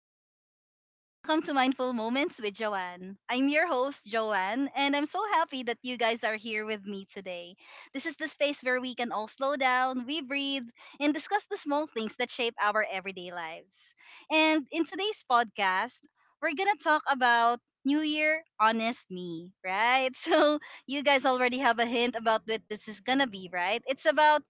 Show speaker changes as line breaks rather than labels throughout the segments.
Hi, everyone, and welcome to Mindful Moments with Joanne. I'm your host, Joanne, and I'm so happy that you guys are here with me today. This is the space where we can all slow down, we breathe, and discuss the small things that shape our everyday lives. And in today's podcast, we're going to talk about New Year Honest Me, right? So, you guys already have a hint about what this is going to be, right? It's about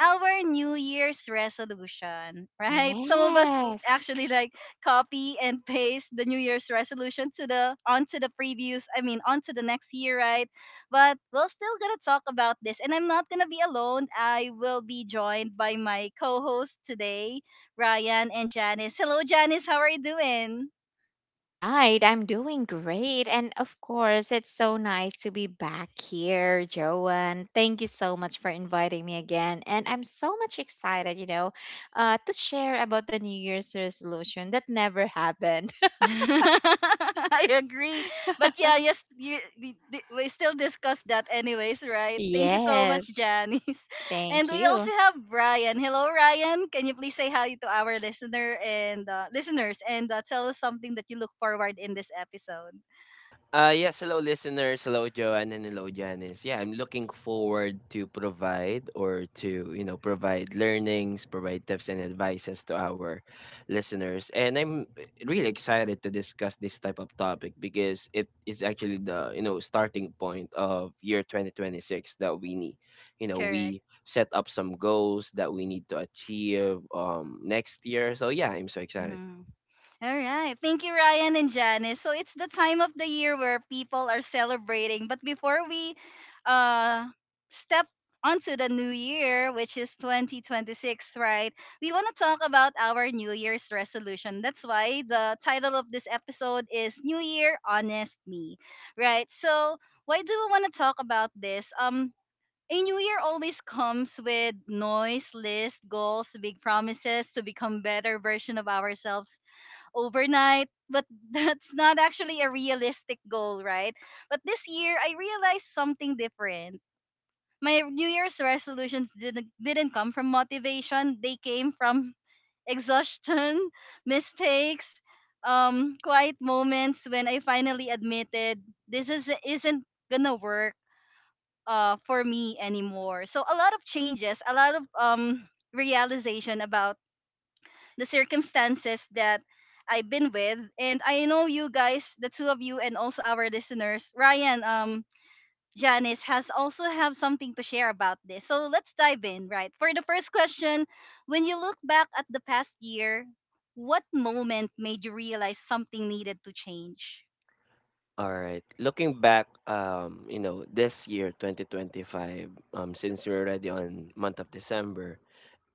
our New Year's resolution, right? Some of us would
Yes.
actually like copy and paste the New Year's resolution to the onto the previews. I mean, onto the next year, right? But we're still gonna talk about this, and I'm not gonna be alone. I will be joined by my co-host today, Ryan and Janice. Hello, Janice. How are you doing?
Right. I'm doing great. And of course, it's so nice to be back here, Joanne. Thank you so much for inviting me again. And I'm so much excited, to share about the New Year's resolution that never happened.
I agree. But yeah, yes, we still discuss that anyways, right? Thank you so much,
Yes.
Janice. And
Thank
we
you.
also have Ryan. Hello, Ryan. Can you please say hi to our listeners and tell us something that you look forward in this episode?
Yes, hello listeners, hello Joanne and hello Janice. Yeah, I'm looking forward to provide or to, you know, provide learnings, provide tips and advices to our listeners. And I'm really excited to discuss this type of topic because it is actually the starting point of year 2026 that we need. You know,
Correct.
we set up some goals that we need to achieve next year. So yeah, I'm so excited.
Mm-hmm. All right. Thank you, Ryan and Janice. So it's the time of the year where people are celebrating. But before we uh, step onto the new year, which is 2026, right? We want to talk about our New Year's resolution. That's why the title of this episode is New Year Honest Me, right? So why do we want to talk about this? A new year always comes with noise, list, goals, big promises to become better version of ourselves overnight, but that's not actually a realistic goal, right? But this year, I realized something different. My New Year's resolutions didn't come from motivation, they came from exhaustion, mistakes, quiet moments when I finally admitted isn't gonna work for me anymore. So, a lot of changes, a lot of realization about the circumstances that I've been with. And I know you guys, the two of you, and also our listeners, Ryan, Janice has also have something to share about this. So let's dive in, right? For the first question, when you look back at the past year, what moment made you realize something needed to change?
Alright. Looking back, you know, this year, 2025, since we're already on month of December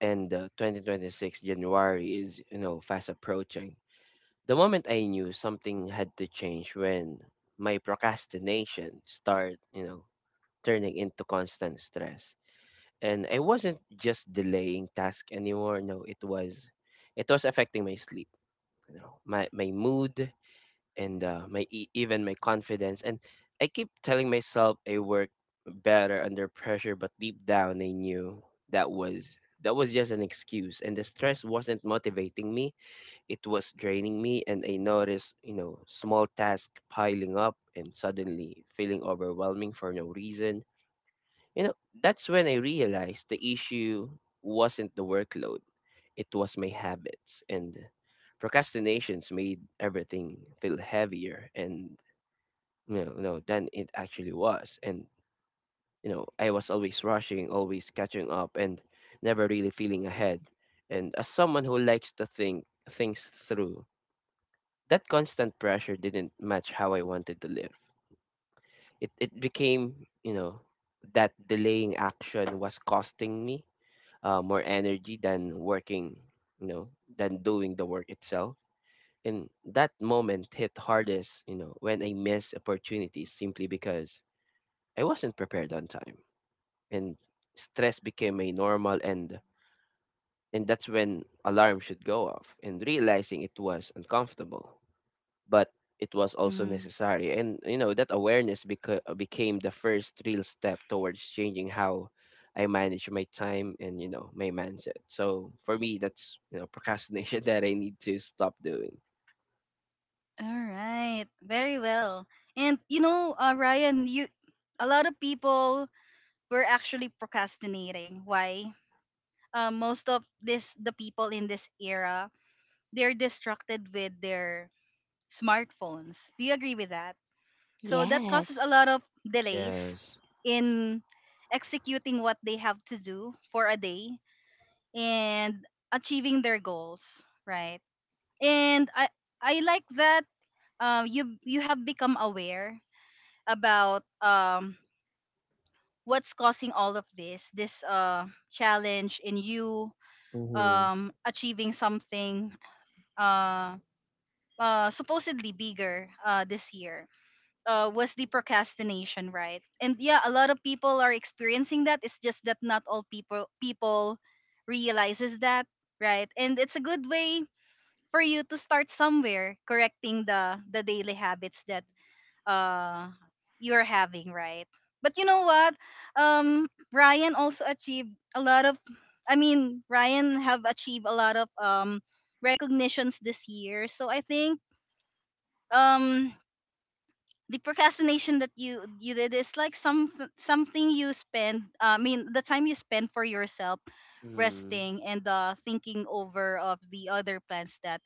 and 2026 January is, you know, fast approaching. The moment I knew something had to change when my procrastination started, you know, turning into constant stress. And I wasn't just delaying task anymore. No, it was affecting my sleep, you know, my mood and even my confidence, and I keep telling myself I work better under pressure, but deep down I knew that was that was just an excuse, and the stress wasn't motivating me, it was draining me. And I noticed, you know, small tasks piling up and suddenly feeling overwhelming for no reason, you know, that's when I realized the issue wasn't the workload, it was my habits. And procrastinations made everything feel heavier and, you know, no, than it actually was. And, you know, I was always rushing, always catching up, and never really feeling ahead. And as someone who likes to think things through, that constant pressure didn't match how I wanted to live. It became, you know, that delaying action was costing me more energy than working, you know, than doing the work itself. And that moment hit hardest, you know, when I missed opportunities simply because I wasn't prepared on time. And stress became a normal, and that's when alarm should go off, and realizing it was uncomfortable but it was also
Mhm.
necessary. And you know, that awareness became the first real step towards changing how I manage my time and, you know, my mindset. So for me, that's, you know, procrastination that I need to stop doing.
All right, very well. And you know, Ryan, you a lot of people were actually procrastinating. Why? Most of this the people in this era they're distracted with their smartphones, do you agree with that? So that causes a lot
Yes.
of delays
Yes.
in executing what they have to do for a day and achieving their goals, right? And I like that. Um, you have become aware about um, what's causing all of this uh, challenge in you
Mm-hmm.
um, achieving something uh, supposedly bigger this year was the procrastination, right? And yeah, a lot of people are experiencing that. It's just that not all people realizes that, right? And it's a good way for you to start somewhere correcting the daily habits that uh, you're having, right? But you know what? Um, Ryan also achieved a lot of. I mean, Ryan have achieved a lot of recognitions this year. So I think um, the procrastination that you did is like some something you spend I mean the time you spend for yourself
Mm-hmm.
resting and uh, thinking over of the other plans that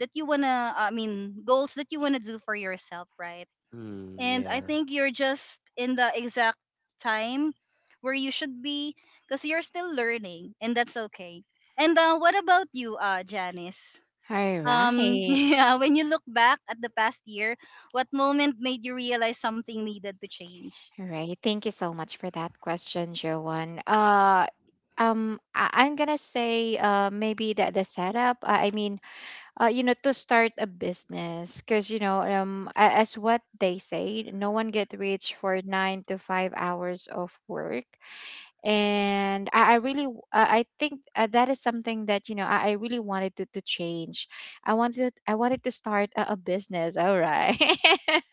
you want to I mean goals that you want to do for yourself, right?
Mm,
And I
yeah.
think you're just in the exact time where you should be because you're still learning and that's okay. And uh, what about you, uh, Janice?
All
Um,
right.
yeah, when you look back at the past year, what moment made you realize something needed to change?
All right. Thank you so much for that question, Joanne. I'm gonna say maybe that the setup, I mean, to start a business, because as what they say, no one get rich for 9 to 5 hours of work. And I think, that is something that I really wanted to, change. I wanted to start a business, all right.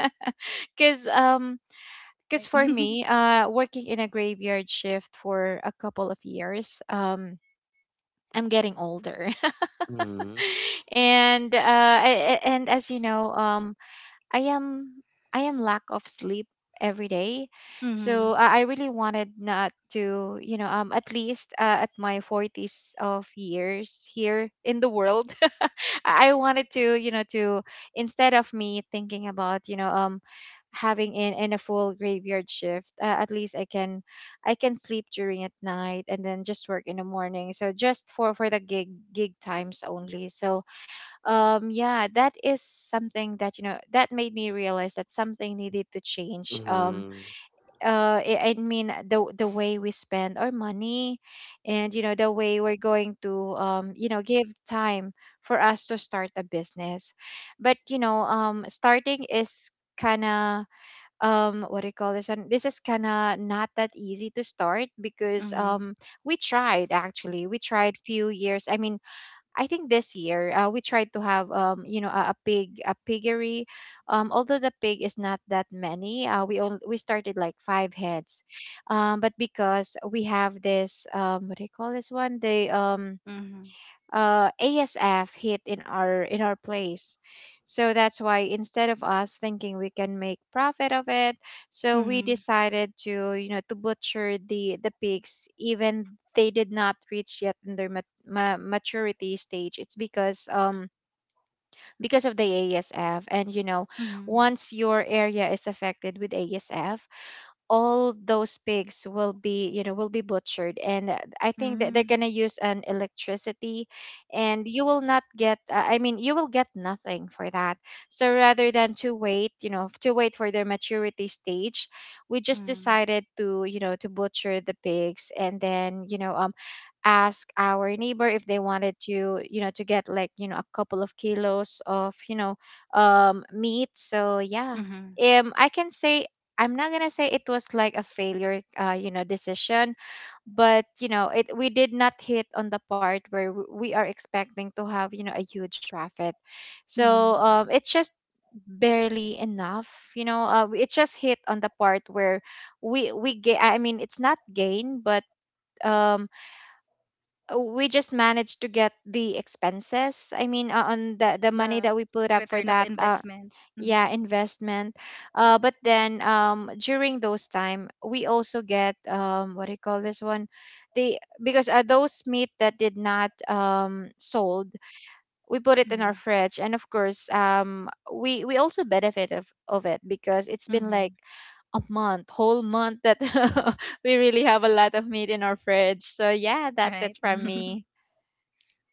because um because,
Right.
for
Mm-hmm.
me, working in a graveyard shift for a couple of years, I'm getting older,
Mm-hmm.
and as you know, I am, lack of sleep every day. So I really wanted not to, at least, at my 40s of years here in the world, I wanted to, instead of me thinking about, having in, a full graveyard shift, at least I can sleep during at night and then just work in the morning, so just for the gig times only. So, yeah, that is something that that made me realize that something needed to change.
Yeah.
I mean, the way we spend our money, and the way we're going to, give time for us to start a business. But starting is kind of, um, what do you call this, and this is kind of not that easy to start because,
Mm-hmm.
we tried, actually, we tried few years, I mean. I think this year, we tried to have, a piggery, although the pig is not that many, we started like five heads, but because we have this, what do you call this one, the,
Mm-hmm.
ASF hit in our place. So that's why, instead of us thinking we can make profit of it, so we
Mm-hmm.
decided to, butcher the pigs even they did not reach yet in their maturity stage. It's because, of the ASF. And
Mm-hmm.
once your area is affected with ASF, all those pigs will be, will be butchered, and, I think that they're
Mm-hmm.
going to use an electricity, and you will not get, I mean, you will get nothing for that. So rather than to wait, you know to wait for their maturity stage, we just
Mm-hmm.
decided to, butcher the pigs, and then, ask our neighbor if they wanted to, get, like, a couple of kilos of, meat. So yeah, I can say, I'm not gonna say it was, like, a failure, decision, but you know, it we did not hit on the part where we are expecting to have, a huge profit.
Mm-hmm.
So, it's just barely enough. It just hit on the part where we get. I mean, it's not gain, but, um we just managed to get the expenses, I mean, on the money
The
that we put up for
return of
that,
investment. Mm-hmm.
yeah, investment.
Yeah.
But then, during those time we also get, what do you call this one, the because, those meat that did not, sold, we put it in our
Mm-hmm.
fridge. And of course, we also benefit of it because it's been, like,
Mm-hmm.
a month whole month that we really have a lot of meat in our fridge. So yeah, that's it
Right.
from me.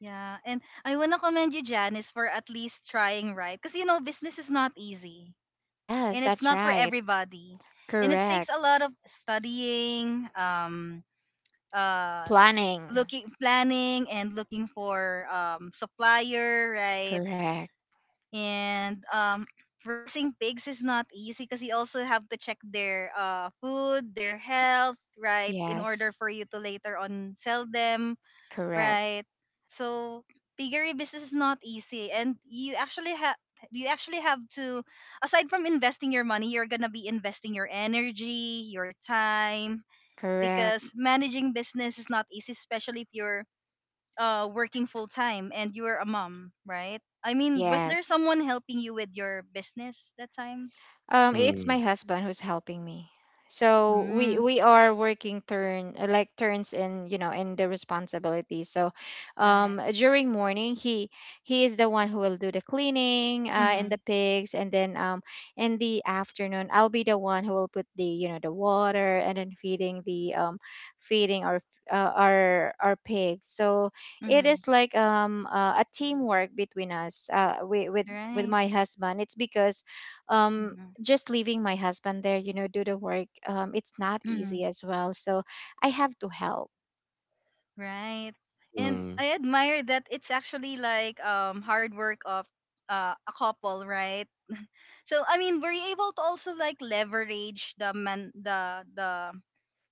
Yeah. And I want to commend you, Janice, for at least trying, right. Because, you know, business is not easy
Yes,
and it's
that's
not for
right.
everybody. And it takes
Correct.
a lot of studying, uh,
Planning.
looking planning and looking for um, supplier, right?
Correct.
And um, raising pigs is not easy because you also have to check their uh, food, their health, right, in order
Yes.
for you to later on sell them,
Correct.
right? So piggery business is not easy and you actually have to, aside from investing your money, you're gonna be investing your energy, your time,
Correct.
because managing business is not easy, especially if you're working full time and you're a mom, right? I mean, was there
Yes.
someone helping you with your business that time?
It's my
Mm-hmm.
husband who's helping me. So we
Mm,
we are working turn like turns in, in the responsibility. So,
right.
during morning, he is the one who will do the cleaning, and
Mm-hmm.
the pigs, and then, in the afternoon, I'll be the one who will put the you know the water, and then feeding the feeding our pigs. So it
Mm-hmm.
is, like, a teamwork between us, with
Right.
my husband. It's because, um
Mm-hmm.
just leaving my husband there, do the work, it's not easy
Mm-hmm.
as well, so I have to help.
Right. And
Mm-hmm.
I admire that it's actually like um, hard work of a couple, right? So I mean, were you able to also like leverage the man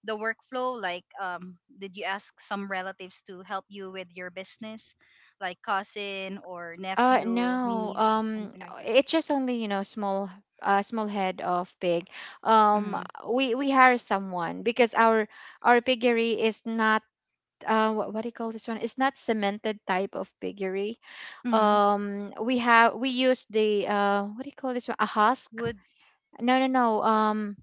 the workflow, like um, did you ask some relatives to help you with your business like cousin or nephew,
No,
niece, something like that?
it's just only, small, small head of pig. Um,
Mm-hmm.
we hire someone because our piggery is not, what do you call this one? It's not cemented type of piggery.
Mm-hmm.
We use the, what do you call this one? A husk?
Would
No, no, no.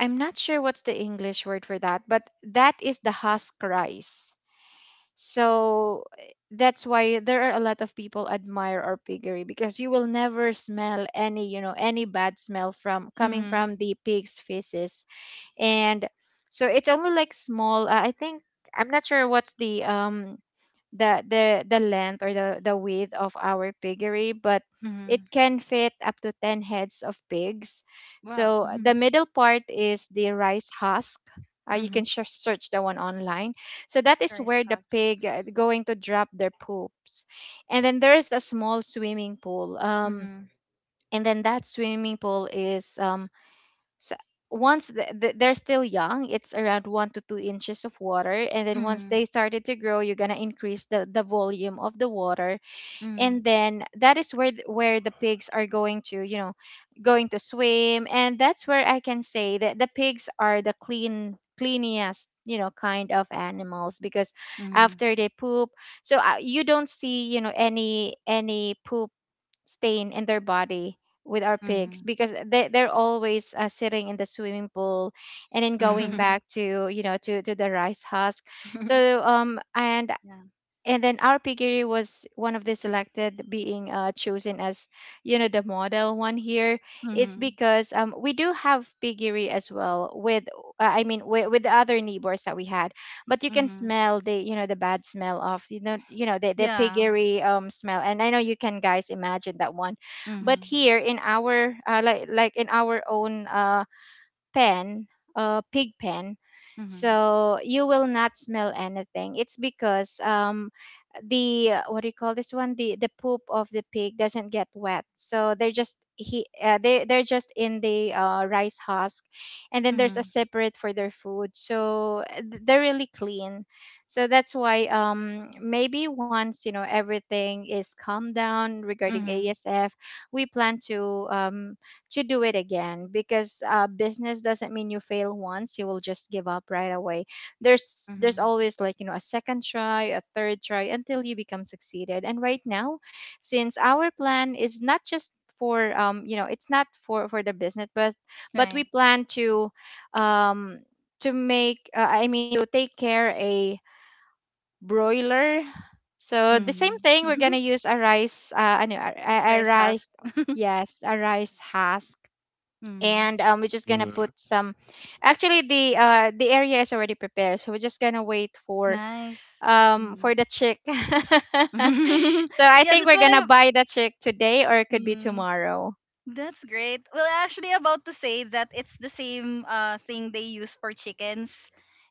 I'm not sure what's the English word for that, but that is the husk rice. So, that's why there are a lot of people admire our piggery because you will never smell any bad smell from coming
mm-hmm.
from the pig's feces. And so it's only, like, small, I think, I'm not sure what's the length, or the width of our piggery, but it
Mm-hmm.
can fit up to 10 heads of pigs.
Wow.
So,
Mm-hmm.
the middle part is the rice husk, you can
Mm-hmm.
search the one online, so that is where
Rice
the
husk.
pig, going to drop their poops. And then there is a small swimming pool,
Mm-hmm.
and then that swimming pool is, so, once they're still young, it's around 1 to 2 inches of water, and then once
Mm-hmm.
they started to grow, you're gonna increase the volume of the water,
Mm-hmm.
and then that is where the pigs are going to, swim. And that's where I can say that the pigs are the cleanest, kind of animals because
Mm-hmm.
after they poop, so, you don't see, any poop stain in their body with our pigs
Mm-hmm.
because they're always, sitting in the swimming pool, and then going back to, the rice husk. So, um and
Yeah.
and then our RPG was one of the selected, being, chosen as, the model one here. It's
Mm-hmm.
because, we do have piggery as well with, I mean, with, the other neighbors that we had. But you can
Mm-hmm.
smell the bad smell of, the
Yeah.
piggery, smell, and I know you can guys imagine that one. But
Mm-hmm.
here in our, like, in our own, pen, pig pen,
Mm-hmm.
so you will not smell anything. It's because, the what do you call this one? The poop of the pig doesn't get wet, so they're just in the, rice husk, and then there's a
Mm-hmm.
separate for their food, so, they're really clean. So that's why, maybe once, everything is calmed down regarding
Mm-hmm.
ASF, we plan to, do it again because, business doesn't mean you fail once you will just give up right away. There's
Mm-hmm.
always, like, a second try, a third try, until you become succeeded. And right now, since our plan is not just for you know it's not for for the business, but
Right.
we plan to, um make, I mean, to take care a broiler. So the same thing,
Mm-hmm.
we're gonna use a rice ano, a
Rice husk.
rice yes a rice husk.
Mm-hmm.
And, we're just gonna put
Mm-hmm.
some, actually, the area is already prepared, so we're just gonna wait for,
Nice. Mhm.
for the chick. So I
Yeah,
think
that's
we're
what
gonna
I
buy the chick today, or it could be
mm.
tomorrow.
That's great. Well, actually, about to say that it's the same uh, thing they use for chickens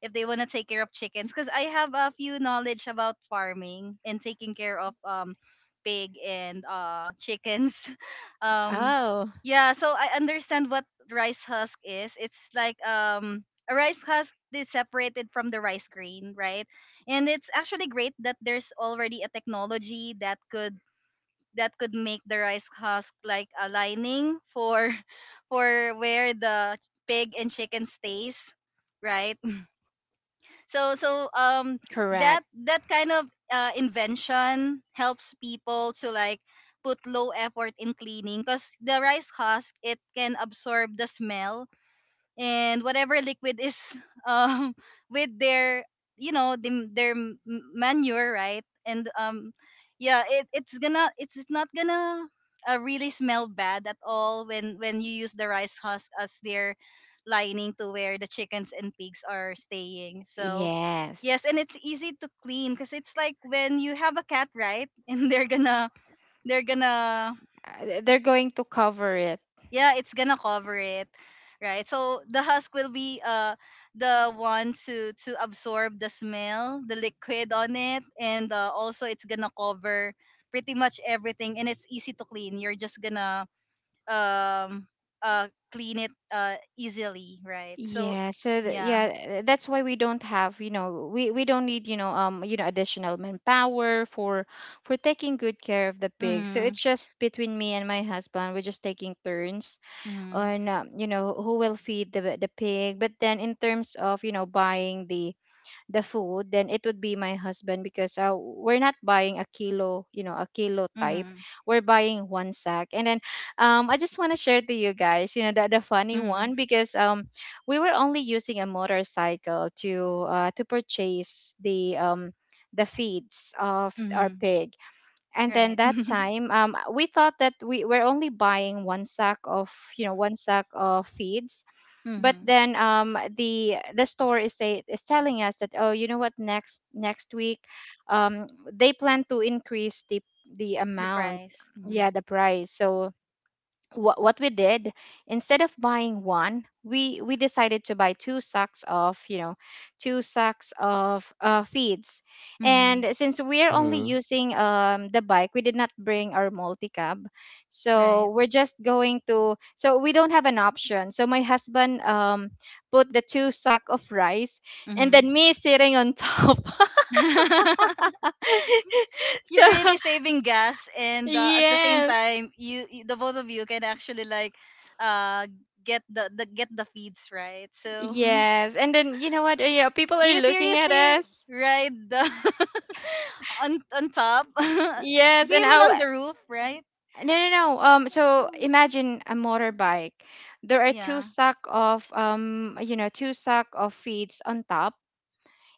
if they want to take care of chickens. Because I have a few knowledge about farming and taking care of um, pig and uh, chickens. Um,
Oh.
yeah. So I understand what rice husk is. It's like um, a rice husk that is separated from the rice grain, right? And it's actually great that there's already a technology that could make the rice husk like a lining for for where the pig and chicken stays, right? So so um, that
Correct.
that kind of invention helps people to like put low effort in cleaning because the rice husk, it can absorb the smell and whatever liquid is um, with their, you know, the, their m- manure, right? And um, yeah, it's gonna, it's not gonna really smell bad at all when you use the rice husk as their lining to where the chickens and pigs are staying, so yes. And
Yes.
it's easy to clean because it's like when you have a cat, right? And they're gonna
They're going to cover it.
yeah, it's gonna cover it, right? So the husk will be uh, the one to absorb the smell, the liquid on it, and also it's gonna cover pretty much everything and it's easy to clean. You're just gonna um, uh, clean it uh, easily, right? So
Yeah, so th-
yeah.
yeah, th- that's why we don't have, we don't need, additional manpower for taking good care of the pig. So
Mhm.
it's just between me and my husband, we're just taking turns
Mhm.
on, who will feed the pig. But then, in terms of, buying the food, then it would be my husband because, we're not buying a kilo type.
Mhm.
We're buying one sack. And then I just want to share to you guys, you know, the funny
Mhm.
one because we were only using a motorcycle to purchase the the feeds of our
Mhm.
pig. And then
Right.
that time, we thought that we were only buying one sack of, one sack of feeds, but
Mhm.
then the store is telling us that, "Oh, you know what, next week um they plan to increase the
The
amount,
price.
yeah,
Mhm.
the price." So what we did, instead of buying one, we decided to buy two sacks of, two sacks of feeds.
Mhm.
And since we're only
Mm-hmm.
using the bike, we did not bring our multi-cab,
Right.
so we're just going to, so we don't have an option, so my husband put the two sack of rice and
Mhm.
then me sitting on top. So
You're really saving gas and at the same
yes,
time you the both of you can actually like uh, get the get the feeds, right? So
yes, and then you know what, yeah, people
do
are
you
looking at
seriously
us.
ride the on top,
Yes,
do
and
you mean
oh,
on the roof, right?
no, no, no. So
Mm,
imagine a motorbike. There are two
yeah.
sack of two sack of feeds on top,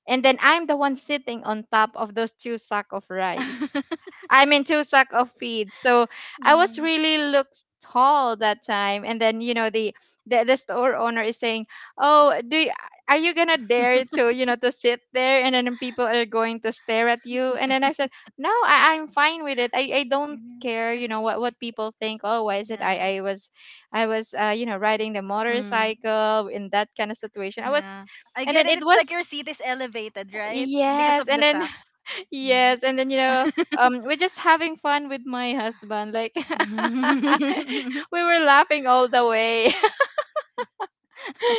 and then I'm the one sitting on top of those two sack of rice. I mean two sack of feed. So I was
Mm,
really looks tall that time. And then, you know, the store owner is saying, "Oh, are you gonna dare to you know to sit there? And then people are going to stare at you." And then I said, "No, I'm fine with it. I don't
mhm.
care
Kasi,
what people think. Oh, why is it?
yeah.
I was I was riding the
Mm,
motorcycle in that kind of situation." I was,
yeah, I
and
get
then
it.
it
It's like your
was,
seat is elevated, right? Because
yes,
of
and
the
then
sacks. Mhm.
yes, and then, we're just having fun with my husband. Like, we were laughing all the way.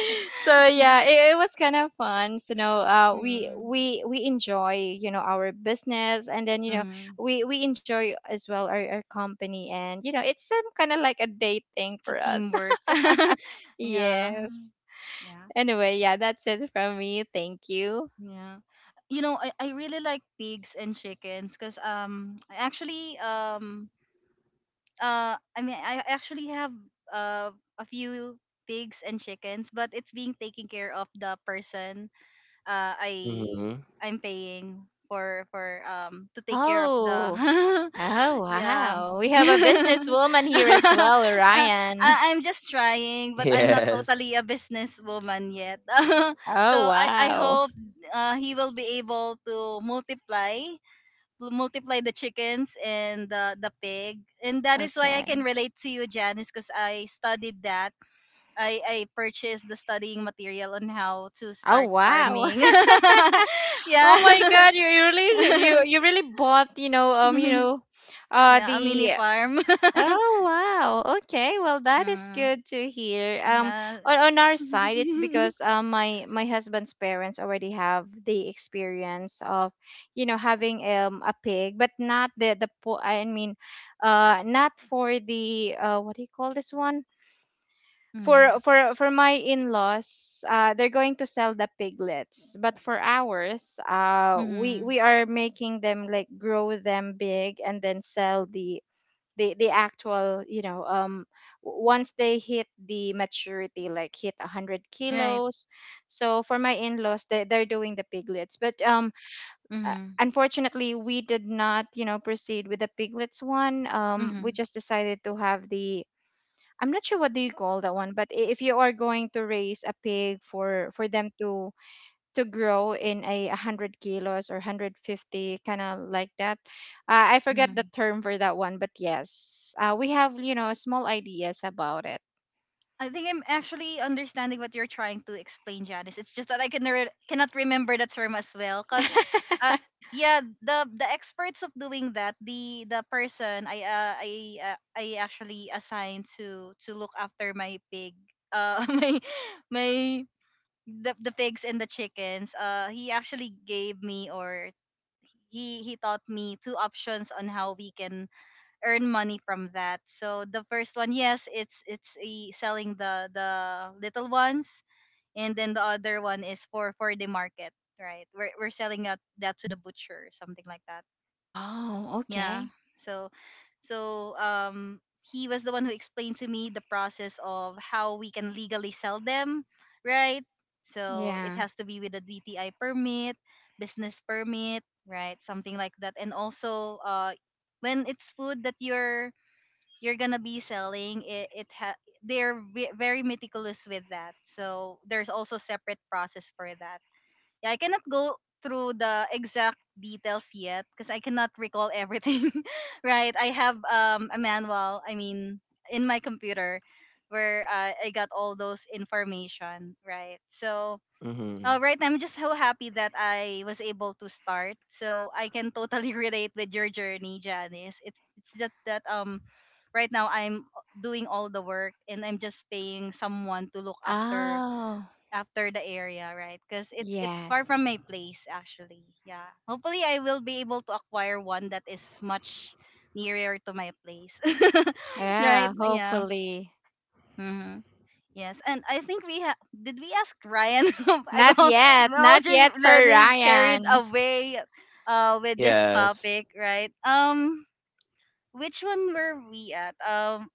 So yeah, it was kind of fun. So, we
Mm,
we we enjoy our business, and then,
mm,
we enjoy as well our company, and, it's some kind of like a date thing
it's a
for us.
teamwork. Yeah,
Yes.
yeah,
Anyway, yeah, that's it from me. Thank you.
yeah. You know, I really like pigs and chickens because um, I actually um, uh, I mean I actually have uh, a few pigs and chickens, but it's being taken care of the person I,
Mm-hmm.
I'm paying for um, to take care of
Oh.
the
Oh,
yeah.
wow. We have a businesswoman here as well,
Uh,
Ryan.
I'm just trying, but I'm not
Yes.
totally a businesswoman yet. So
Oh,
I
wow.
hope he will be able to multiply the chickens and the pig, and that is why I can
Okay.
relate to you, Janice, because I studied that. I purchased the studying material on how to
Oh,
start
wow.
farming.
Oh my
Yeah.
God, you, you really you you really bought,
Yeah, a mini
the.
farm.
Oh wow. Okay. Well, that is
Mm,
good to hear.
yeah.
On our side, it's because my husband's parents already have the experience of having a pig, but not I mean, not for the what do you call this one? For
Mm,
my in-laws, they're going to sell the piglets, but for ours, we
mm-hmm.
we are making them like grow them big and then sell the, the actual, you know, once they hit the maturity, like hit 100
Right.
kilos. So for my in-laws, they're doing the piglets, but
Mm-hmm.
unfortunately we did not, proceed with the piglets one. We
Mm-hmm.
just decided to have the, I'm not sure what do you call that one, but if you are going to raise a pig for them to grow in a 100 kilos or 150, kind of like that. I forget the
Mm-hmm.
term for that one, but yes, we have, small ideas about it.
I think I'm actually understanding what you're trying to explain, Janice. It's just that I can re- cannot remember the term as well, cause, uh, yeah, the experts of doing that, the person I actually assigned to look after my pig, uh, my my the pigs and the chickens. He actually gave me or he taught me two options on how we can earn money from that. So the first one, yes, it's a selling the little ones, and then the other one is for the market, right? We're selling that to the butcher, something like that.
Oh,
Yeah.
okay.
So so um, he was the one who explained to me the process of how we can legally sell them, right? So it
Yeah.
has to be with a DTI permit, business permit, right? Something like that. And also when it's food that you're gonna be selling it, very meticulous with that, so there's also separate process for that. Yeah, I cannot go through the exact details yet because I cannot recall everything. Right, I have a manual, I mean, in my computer where I got all those information, right? So
Mm-hmm.
all right, I'm just so happy that I was able to start, so I can totally relate with your journey, Janice. It's just that right now I'm doing all the work, and I'm just paying someone to look after
Oh,
after the area, right? Because it's far
yes.
from my place actually. Yeah. Hopefully I will be able to acquire one that is much nearer to my place.
Yeah,
Right? Yeah.
hopefully.
hmm Yes, and I think did we ask Ryan? I'm,
not
all,
yet
I'm
not
already
yet for
already carried
Ryan.
away with this
Yes.
topic, right? Which one were we at?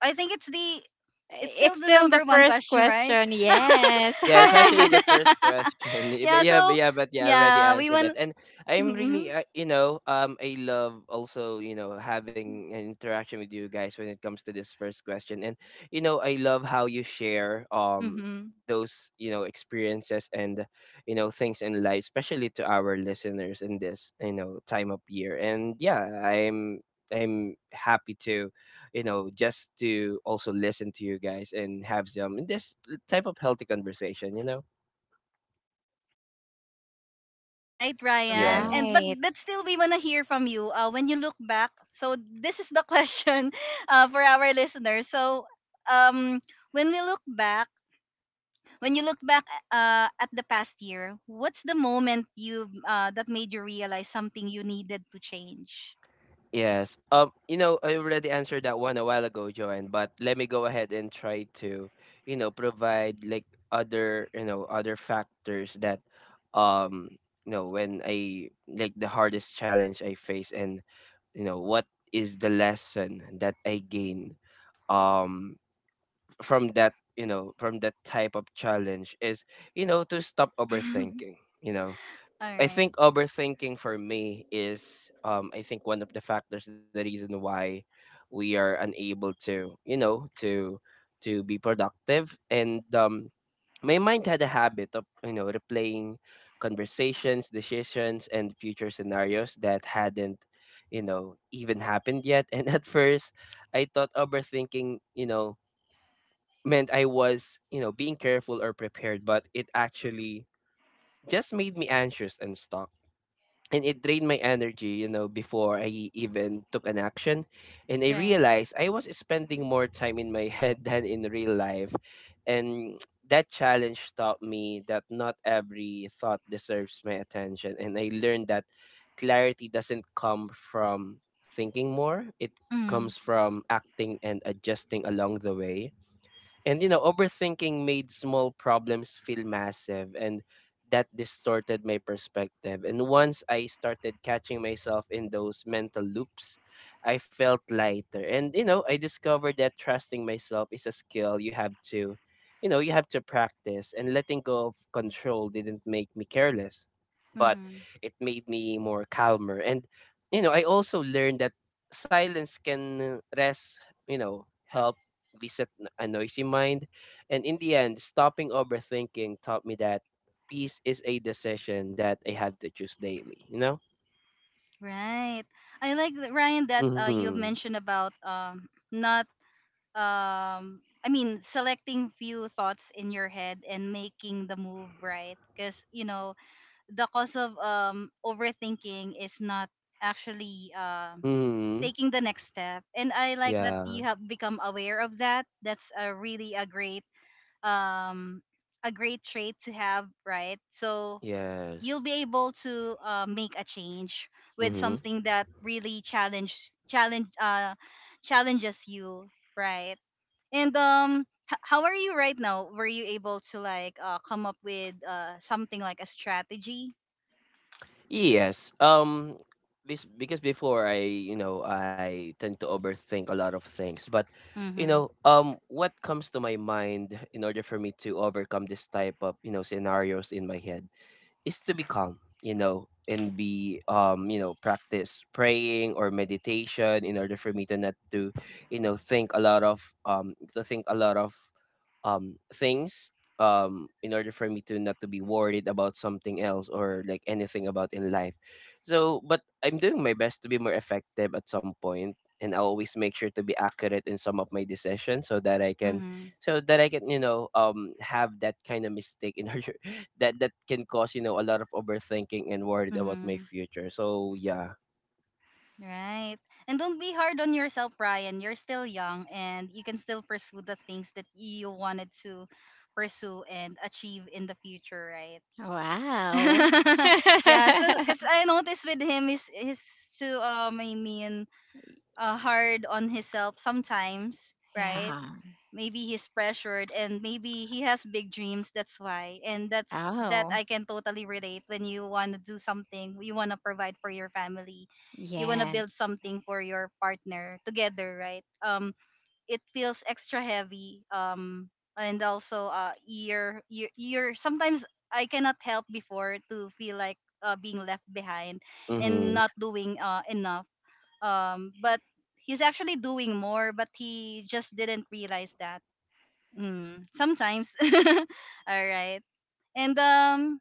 I think it's the— it's still
It's
the
still the
number one
first
question, right?
question, yes.
Yeah,
All
it's
right.
actually the first question. But
Yeah.
yeah, but
So
yeah, but yeah, I already
yeah, we
answered that.
want.
And I'm
hmm
really, you know, I love also, you know, having an interaction with you guys when it comes to this first question. And you know, I love how you share
Mm-hmm.
those, you know, experiences and you know, things in life, especially to our listeners in this, you know, time of year. And yeah, I'm. I'm happy to, you know, just to also listen to you guys and have some this type of healthy conversation, you know?
Right, Ryan.
Yeah.
And but
Right.
but still, we wanna hear from you. When you look back, so this is the question, for our listeners. So, um, when we look back, when you look back, at the past year, what's the moment you that made you realize something you needed to change?
Yes. You know, I already answered that one a while ago, Joanne, but let me go ahead and try to, you know, provide like other factors that um, you know, when I like the hardest challenge I face and, you know, what is the lesson that I gain um from that, you know, from that type of challenge is, you know, to stop
All
overthinking. You know, I
right,
think overthinking for me is I think one of the factors, the reason why we are unable to, you know, to be productive. And my mind had a habit of, you know, replaying conversations, decisions and future scenarios that hadn't, you know, even happened yet. And at first I thought overthinking, you know, meant I was, you know, being careful or prepared, but it actually just made me anxious and stuck, and it drained my energy, you know, before I even took an action. And I
right.
realized I was spending more time in my head than in real life. And that challenge taught me that not every thought deserves my attention. And I learned that clarity doesn't come from thinking more, it
Mm-hmm.
comes from acting and adjusting along the way. And you know, overthinking made small problems feel massive, and that distorted my perspective. And once I started catching myself in those mental loops, I felt lighter. And you know, I discovered that trusting myself is a skill you know, you have to practice, and letting go of control didn't make me careless, but it made me more calmer. And you know, I also learned that silence can rest, you know, help reset a noisy mind. And in the end, stopping overthinking taught me that peace is a decision that I have to choose daily, you know?
Right. I like that, Ryan, that you
Mm-hmm.
mentioned about not I mean selecting few thoughts in your head and making the move, right? Because you know the cause of overthinking is not actually
Mm-hmm.
taking the next step, and I like that
Yeah.
you have become aware of that. That's a really um a great trait to have, right? So
Yes.
you'll be able to make a change with
Mm-hmm.
something that really challenges you, right? And how are you right now? Were you able to like come up with something like a strategy?
Yes. This because before I, you know, I tend to overthink a lot of things, but you
Mm-hmm.
know, what comes to my mind in order for me to overcome this type of, you know, scenarios in my head is to be calm, you know, and be you know, practice praying or meditation in order for me to not to, you know, think a lot of to think a lot of things, in order for me to not to be worried about something else or like anything about in life. So but I'm doing my best to be more effective at some point, and I always make sure to be accurate in some of my decisions, so that I can
Mm-hmm.
you know, have that kind of mistake in order that that can cause, you know, a lot of overthinking and worried about my
Mm-hmm.
future. So yeah.
Right. And don't be hard on yourself, Brian. You're still young and you can still pursue the things that you wanted to pursue and achieve in the future, right?
Wow.
Yeah, so because I noticed with him is he's too I mean, hard on himself sometimes, right?
Yeah.
Maybe he's pressured and maybe he has big dreams. That's why, and that's that
Oh,
I can totally relate. When you want to do something, you want to provide for your family, you want to build
yes.
something for your partner together, right? It feels extra heavy and also ear sometimes I cannot help before to feel like being left behind and
Mm-hmm.
not doing enough. But he's actually doing more, but he just didn't realize that sometimes. All right. and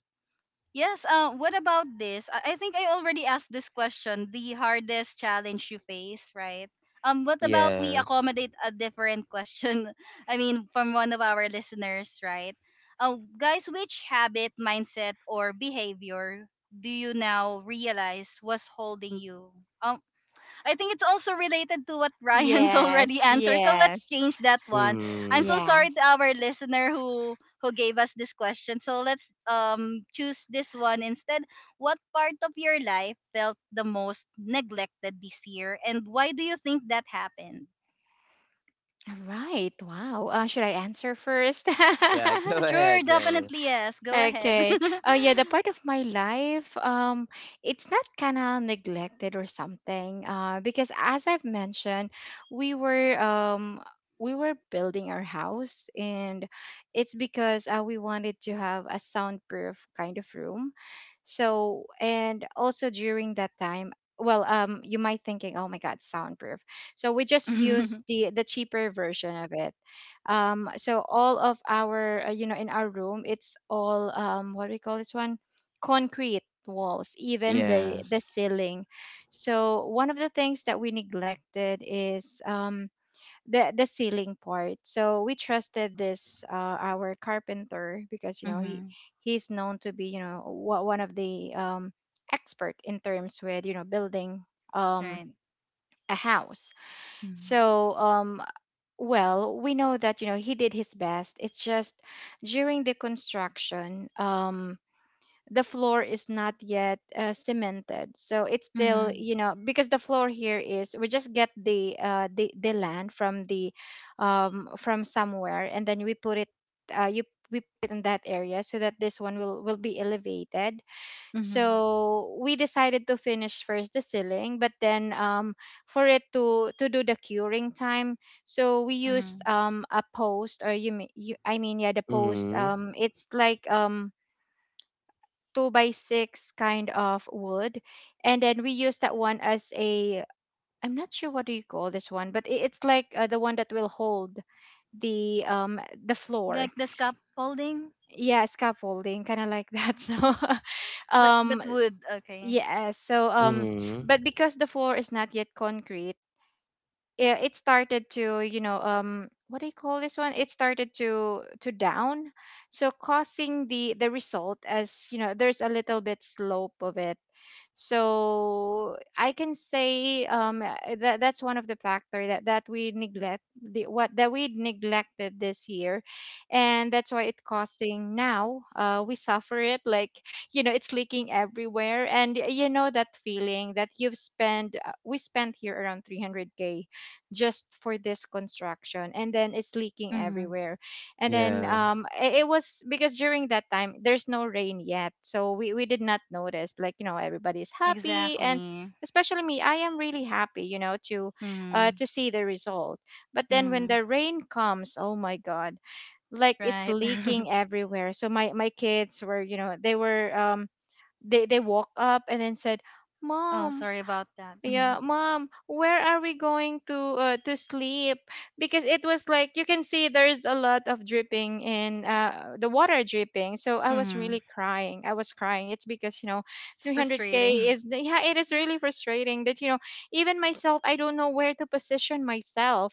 Yes, what about this? I think I already asked this question, the hardest challenge you face, right? What about we
Yes.
accommodate a different question? I mean, from one of our listeners, right? Guys, which habit, mindset, or behavior do you now realize was holding you? Um, I think it's also related to what Ryan's already
Yes,
answered. So let's
yes,
change that one. I'm so
Mm.
sorry to
yes.
our listener who— who gave us this question. So let's choose this one instead. What part of your life felt the most neglected this year, and why do you think that happened?
All right. Wow. Should I answer first?
Yeah, go
Sure,
ahead, Janice.
definitely yes. Go ahead.
Okay. Yeah, the part of my life, it's not kind of neglected or something. Because as I've mentioned, we were um we were building our house, and it's because, we wanted to have a soundproof kind of room. So, and also during that time, well, you might thinking, oh my God, soundproof. So we just
Mhm.
use the cheaper version of it. So all of our, in our room, it's all, what do we call this one, concrete walls, even
Mhm.
the
Yes.
the ceiling. So one of the things that we neglected is the ceiling part. So we trusted this, our carpenter, because, he
Mhm.
he's known to be, one of the, expert in terms with, building,
Right.
um, a house.
Mhm.
So, well, we know that, he did his best. It's just, during the construction, the floor is not yet, cemented, so it's still,
Mhm.
you know, because the floor here is, we just get the, the land from the, from somewhere, and then we put it, you we put in that area so that this one will be elevated.
Mhm.
So we decided to finish first the ceiling, but then, for it to do the curing time. So we use,
Mhm.
a post, or you, me- you I mean, yeah, the post,
Mm-hmm.
it's like, two by six kind of wood, and then we use that one as a, I'm not sure what do you call this one, but it's like, the one that will hold the, the floor.
Like the scaffolding,
Yeah, scaffolding, kind of like that. So,
but— but
um
wood, okay.
yeah. So,
Mhm.
but because the floor is not yet concrete, yeah, it started to, what do you call this one, it started to down, so causing the, result, as you know, there's a little bit slope of it. So I can say, that that's one of the factor that we neglect, the what that we neglected this year. And that's why it causing now, we suffer it, like, it's leaking everywhere. And, that feeling that you've spent we spent here around 300K just for this construction, and then it's leaking everywhere. And then,
Yeah.
it was because during that time there's no rain yet, so we did not notice, like, everybody's happy. And
Exactly.
especially me, I am really happy, to,
Mm-hmm.
to see the result. But then when
Mm-hmm.
the rain comes, oh my God, like, it's
Right.
leaking everywhere. So my kids were you know they were they woke up and then said,
Oh,
"Mom,
sorry about that. Mm-hmm.
yeah, Mom, where are we going to, to sleep? Because it was like you can see there's a lot of dripping in, the water dripping." So I was
Mm-hmm.
really crying. I was crying. It's because,
It's
300K
frustrating.
is yeah, it is really frustrating that, even myself, I don't know where to position myself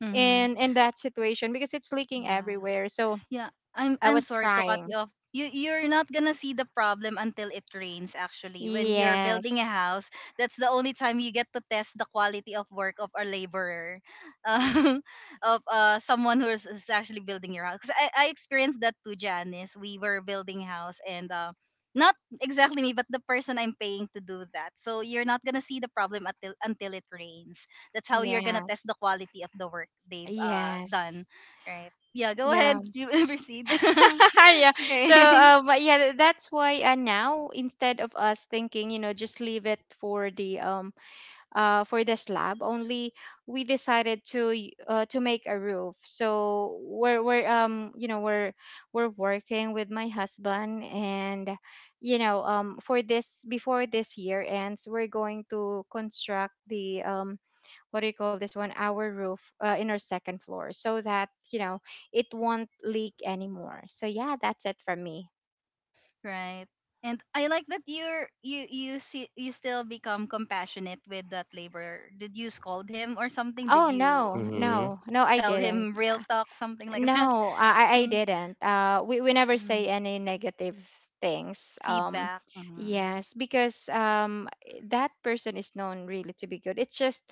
Mm-hmm.
in that situation, because it's leaking
Yeah.
everywhere. So
Yeah, I'm
I
I'm
was
sorry to cut
crying.
you off. You're not gonna see the problem until it rains actually. When you're building a
Yes.
house, that's the only time you get to test the quality of work of a laborer, um, of someone who is actually building your house. 'Cause I experienced that too, Janice. We were building house and not exactly me, but the person I'm paying to do that. So you're not gonna see the problem until it rains. That's how you're gonna test
Yes.
the quality of the work they've done.
Yes.
Right. Yeah, go ahead.
Yeah.
You proceed.
Yeah.
Okay.
So, but yeah, that's why, now instead of us thinking, just leave it for the, for the slab only, we decided to make a roof. So we're you know we're working with my husband, and, for this, before this year ends, we're going to construct the, what do you call this one, our roof, in our second floor, so that, it won't leak anymore. So yeah, that's it from me.
Right. And I like that you see you still become compassionate with that labor. Did you scold him or something?
Oh,
Did you
no,
Mhm.
no, no, I
tell
didn't.
him real
Uh,
talk, something like that?
no, I
Mm,
didn't, we never
mm.
say any negative things.
Feedback. Mhm,
Yes, because, that person is known really to be good. It's just,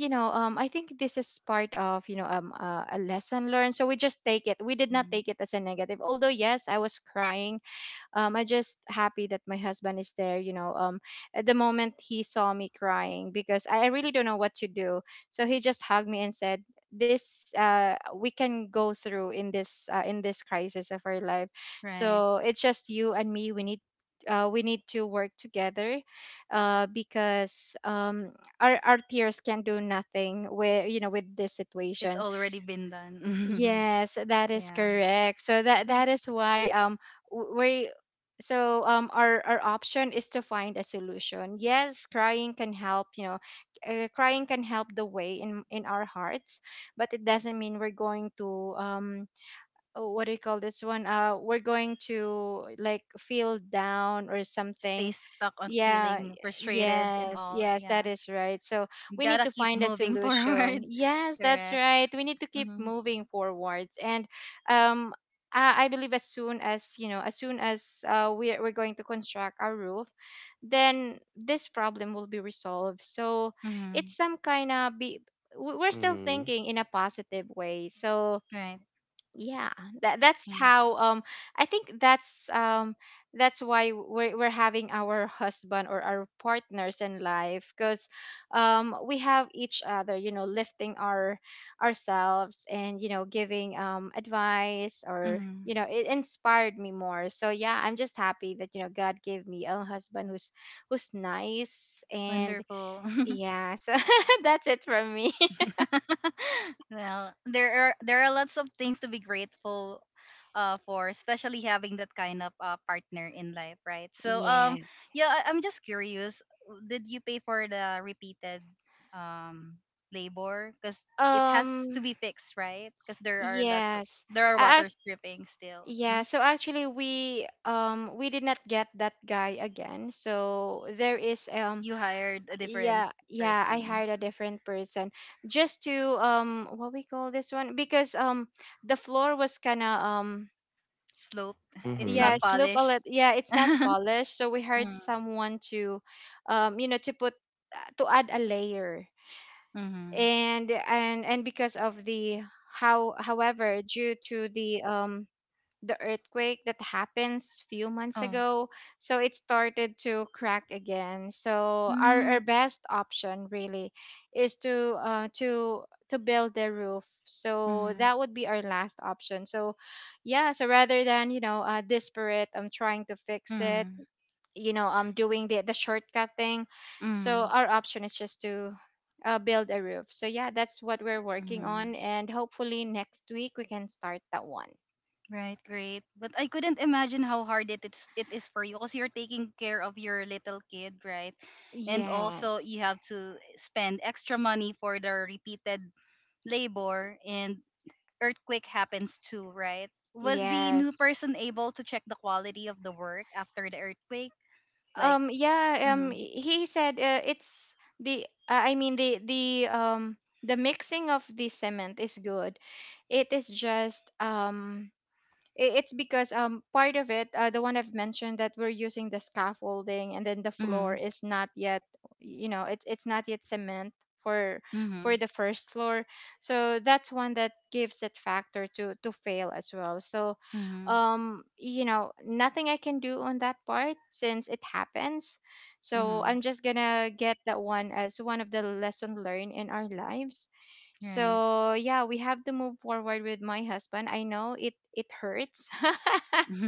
I think this is part of, a lesson learned, so we just take it, we did not
mm.
take it as a negative, although yes, I was crying. I just happy that my husband is there. At the moment he saw me crying, because I really don't know what to do, so he just hugged me and said, "This We can go through in this, crisis of our life.
Right.
So it's just you and me. We need." We need to work together, because, our tears can do nothing with, with this
It's
situation.
already been done.
Yes, that is
Yeah.
correct. So that
Just
that is why, we, so, our option is to find a solution. Yes, crying can help, crying can help the way in our hearts, but it doesn't mean we're going to, um oh, what do you call this one, we're going to like feel down or
stay
something.
stuck on
Yeah,
feeling frustrated and
yes,
all.
yes,
Yeah.
that is right. So we
Gotta
need to
keep
find a
moving forward.
solution. Yes, that's
Correct.
right. We need to keep
Mm-hmm.
moving forwards. And um, I, I believe as soon as, you know, as soon as we're going to construct our roof, then this problem will be resolved. So
Mm-hmm.
it's some kind of be, we're still
Mhm.
thinking in a positive way. So
Right.
yeah, that that's
Mm,
how um I think that's why we're having our husband or our partners in life because we have each other, you know, lifting our ourselves, and you know, giving advice, or
mm,
you know, it inspired me more. So yeah, I'm just happy that, you know, God gave me a husband who's who's nice. And
wonderful.
yeah, so that's it from me.
Well, there are— there are lots of things to be grateful for, especially having that kind of partner in life, right? So
Yes.
yeah, I'm just curious, did you pay for the repeated um labor, cuz it has to
um
be fixed, right? Cuz there are lots of—
yes
there are
I,
water stripping still.
Yeah,
Mhm.
so actually we did not get that guy again. So there is
You hired a different
yeah, yeah, I
person.
hired a different person just to what we call this one, because the floor was kind of
Slope, it's
yeah,
not
Mhm.
slope a
polished.
little. Yeah, it's not polished, so we hired someone to you know, to put to add a layer.
Mm-hmm.
And because of the however due to the earthquake that happens few months
Oh.
ago, so it started to crack again. So our
Mm.
best option really is to to build the roof, so
Mm.
that would be our last option. So yeah, so rather than, you know, desperate I'm trying to fix it,
Mm.
you know, I'm doing the shortcut thing. So
Mm.
our option is just to build a roof. So yeah, that's what we're working
Mm.
on, and hopefully next week we can start that one.
Right, great. But I couldn't imagine how hard it is for you because you're taking care of your little kid, right? And also you
Yes.
have to spend extra money for the repeated labor, and earthquake happens too, right? Was the new person
Yes.
able to check the quality of the work after the earthquake? Like,
Yeah,
mm,
he said it's the I mean the the mixing of the cement is good. It is just it's because part of it, the one I've mentioned, that we're using the scaffolding and then the
mm,
floor is not yet, you know, it's not yet cement for
mm,
for the first floor. So that's one that gives it factor to fail as well. So
mm,
you know, nothing I can do on that part since it happens. So
mm,
I'm just gonna get that one as one of the lesson learned in our lives.
right.
So yeah, we have to move forward with my husband. I know it it hurts.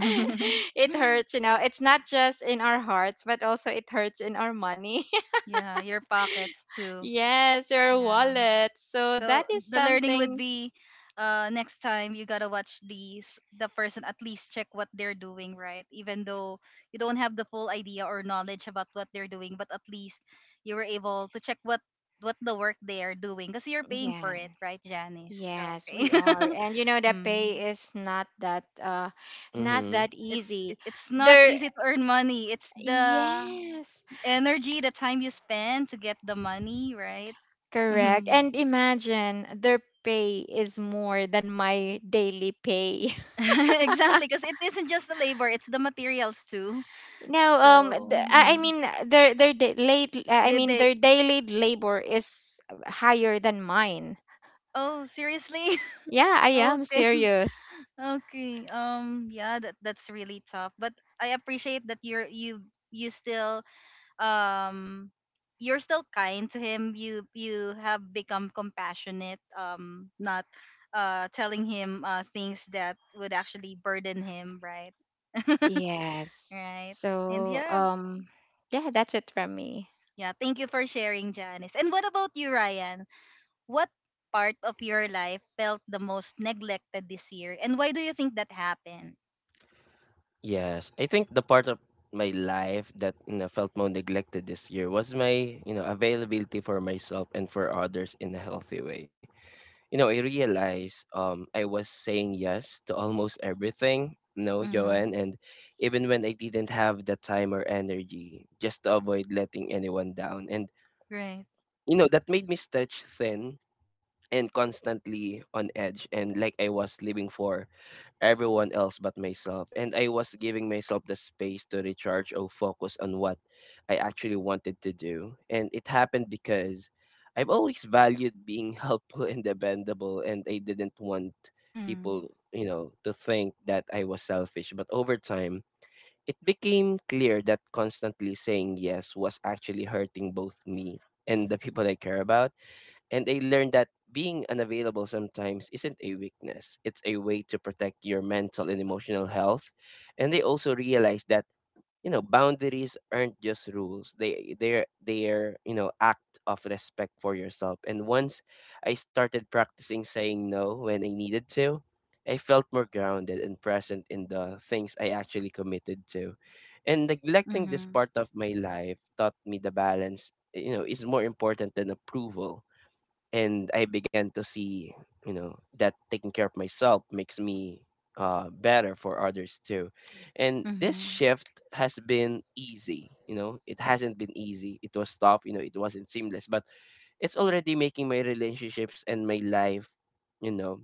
It hurts, you know. It's not just in our hearts, but also it hurts in our money.
Yeah, your pockets too.
Yes, your
Yeah.
wallet. So
So
that is
the learning would
something.
be next time you gotta watch these— the person at least check what they're doing, right? Even though you don't have the full idea or knowledge about what they're doing, but at least you were able to check what the work they are doing because you're paying for
Yeah.
it, right, Janice?
Yes,
Okay.
we are. And you know, the
Mm.
pay is not that not
Mhm.
that easy.
It's not
There
easy to earn money. It's the
yes.
energy, the time you spend to get the money, right?
Correct. And imagine their pay is more than my daily pay.
Exactly, because it isn't just the labor; it's the materials too.
No,
So
the, I
mm,
mean their da- late. I
did
mean
they?
their daily labor is higher than mine.
Oh, seriously?
Yeah, I am
Okay,
serious.
okay. Yeah, that that's really tough. But I appreciate that you still um you're still kind to him. You have become compassionate. Not telling him things that would actually burden him, right?
Yes.
Right. And
So,
yeah,
yeah, that's it from me.
yeah, thank you for sharing, Janice. And what about you, Ryan? What part of your life felt the most neglected this year, and why do you think that happened?
Yes. I think the part of my life that, you know, felt more neglected this year was my, you know, availability for myself and for others in a healthy way. You know, I realized I was saying yes to almost everything, no,
Mm-hmm.
Joanne, and even when I didn't have the time or energy, just to avoid letting anyone down. And
Right.
you know, that made me stretch thin and constantly on edge, and like I was living for everyone else but myself, and I was giving myself the space to recharge or focus on what I actually wanted to do. And it happened because I've always valued being helpful and dependable, and I didn't want
Mm-hmm.
people, you know, to think that I was selfish. But over time it became clear that constantly saying yes was actually hurting both me and the people I care about. And I learned that being unavailable sometimes isn't a weakness, it's a way to protect your mental and emotional health. And they also realized that, you know, boundaries aren't just rules. They're, you know, act of respect for yourself. And once I started practicing saying no when I needed to, I felt more grounded and present in the things I actually committed to. And neglecting this
Mm-hmm.
part of my life taught me the balance, you know, is more important than approval. And I began to see, you know, that taking care of myself makes me better for others too. And this
Mm-hmm.
shift has been easy, you know, it hasn't been easy. It was tough, you know, it wasn't seamless, but it's already making my relationships and my life, you know,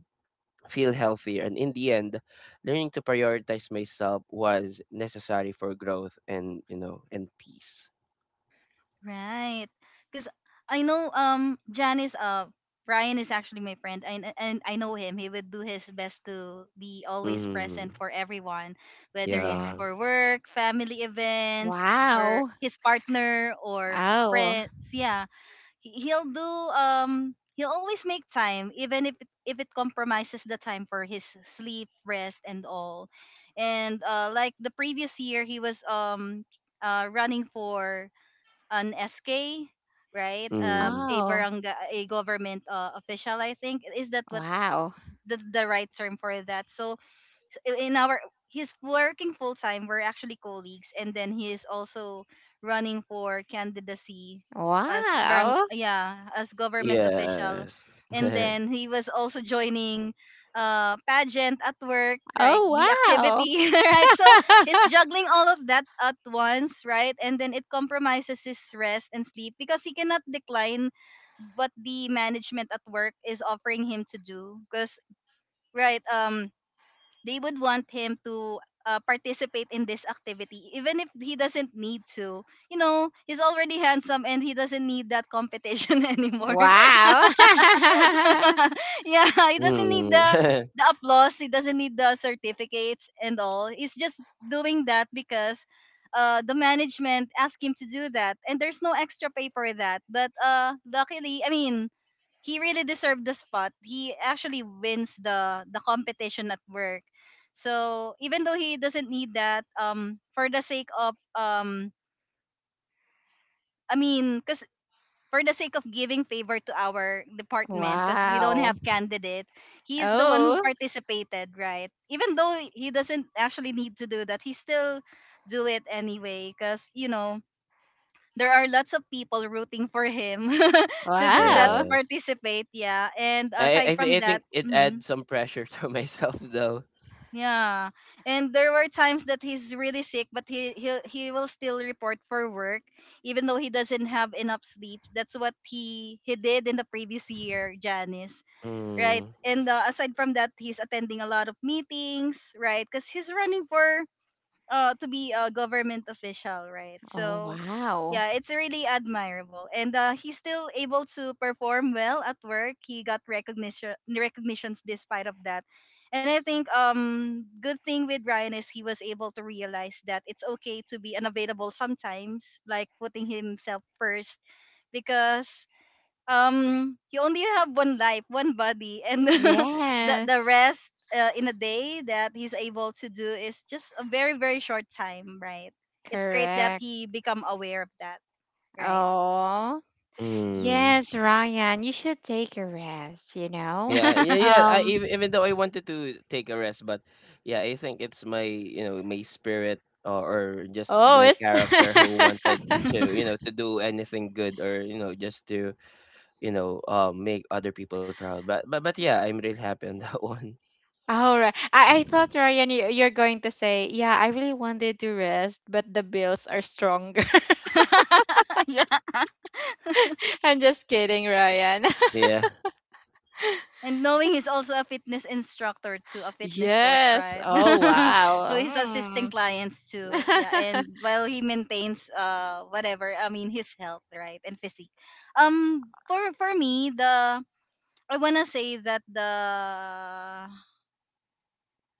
feel healthier. And in the end, learning to prioritize myself was necessary for growth and, you know, and peace.
Right. Because I know Janice, Ryan is actually my friend, and I know him. He would do his best to be always
Mm-hmm.
present for everyone, whether it's
Yeah.
for
Yes.
work, family events, her
Wow.
his partner or
Oh.
friends. Yeah, he'll do— he'll always make time even if it compromises the time for his sleep, rest and all. And like the previous year, he was running for an SK, right? Uh,
Mm.
a
Oh.
barangay, a government official, I think, is that what
Wow.
the right term for that. So in our— he's working full time. We're actually colleagues, and then he is also running for candidacy as barang
Wow.
yeah as government official,
Yes.
and then he was also joining pageant at work, right?
Oh,
The
wow.
activity. Right, so he's juggling all of that at once, right? And then it compromises his rest and sleep because he cannot decline what the management at work is offering him to do because, right, they would want him to participate in this activity even if he doesn't need to. You know, he's already handsome and he doesn't need that competition anymore.
Wow.
Yeah, he doesn't need
Hmm.
the— the applause. He doesn't need the certificates and all. He's just doing that because the management asked him to do that, and there's no extra pay for that. But luckily, I mean, he really deserved the spot. He actually wins the— the competition at work. So even though he doesn't need that, for the sake of I mean, cause for the sake of giving favor to our department because we don't
Wow.
have candidate, he is the one who
Oh.
participated, right? Even though he doesn't actually need to do that, he still do it anyway because you know there are lots of people rooting for him to do that,
Wow.
to
Yeah.
participate. Yeah. And
I
aside
I thi
from
I think
that,
it
mhm.
adds some pressure to myself though.
Yeah. And there were times that he's really sick, but he will still report for work even though he doesn't have enough sleep. That's what he did in the previous year, Janice,
Mm.
right? And aside from that, he's attending a lot of meetings, right? Cuz he's running for to be a government official, right?
Oh,
So
wow.
yeah, it's really admirable. And he's still able to perform well at work. He got recognitions despite of that. And I think good thing with Ryan is he was able to realize that it's okay to be unavailable sometimes, like putting himself first because you only have one life, one body, and the
Yes,
rest in a day that he's able to do is just a very very short time, right? It's great that
correct.
he become aware of that, right?
Oh,
Mm.
yes, Ryan, you should take a rest, you know?
Yeah. I
Um,
even though I wanted to take a rest, but yeah, I think it's my, you know, my spirit or just
oh,
my
it's.
character who wanted to, you know, to do anything good, or, you know, you know, make other people proud. But yeah, I'm really happy on that one.
All right. I thought, Ryan, you, you're going to say, yeah, I really wanted to rest, but the bills are stronger.
Yeah,
I'm just kidding, Ryan.
Yeah.
and knowing he's also a fitness instructor too, a fitness coach,
Yes.
right?
Oh,
Yeah.
So he's assisting
wow.
clients
Mm.
too, yeah, and while he maintains whatever, I mean his health, right, and physique. For me, the I wanna say that the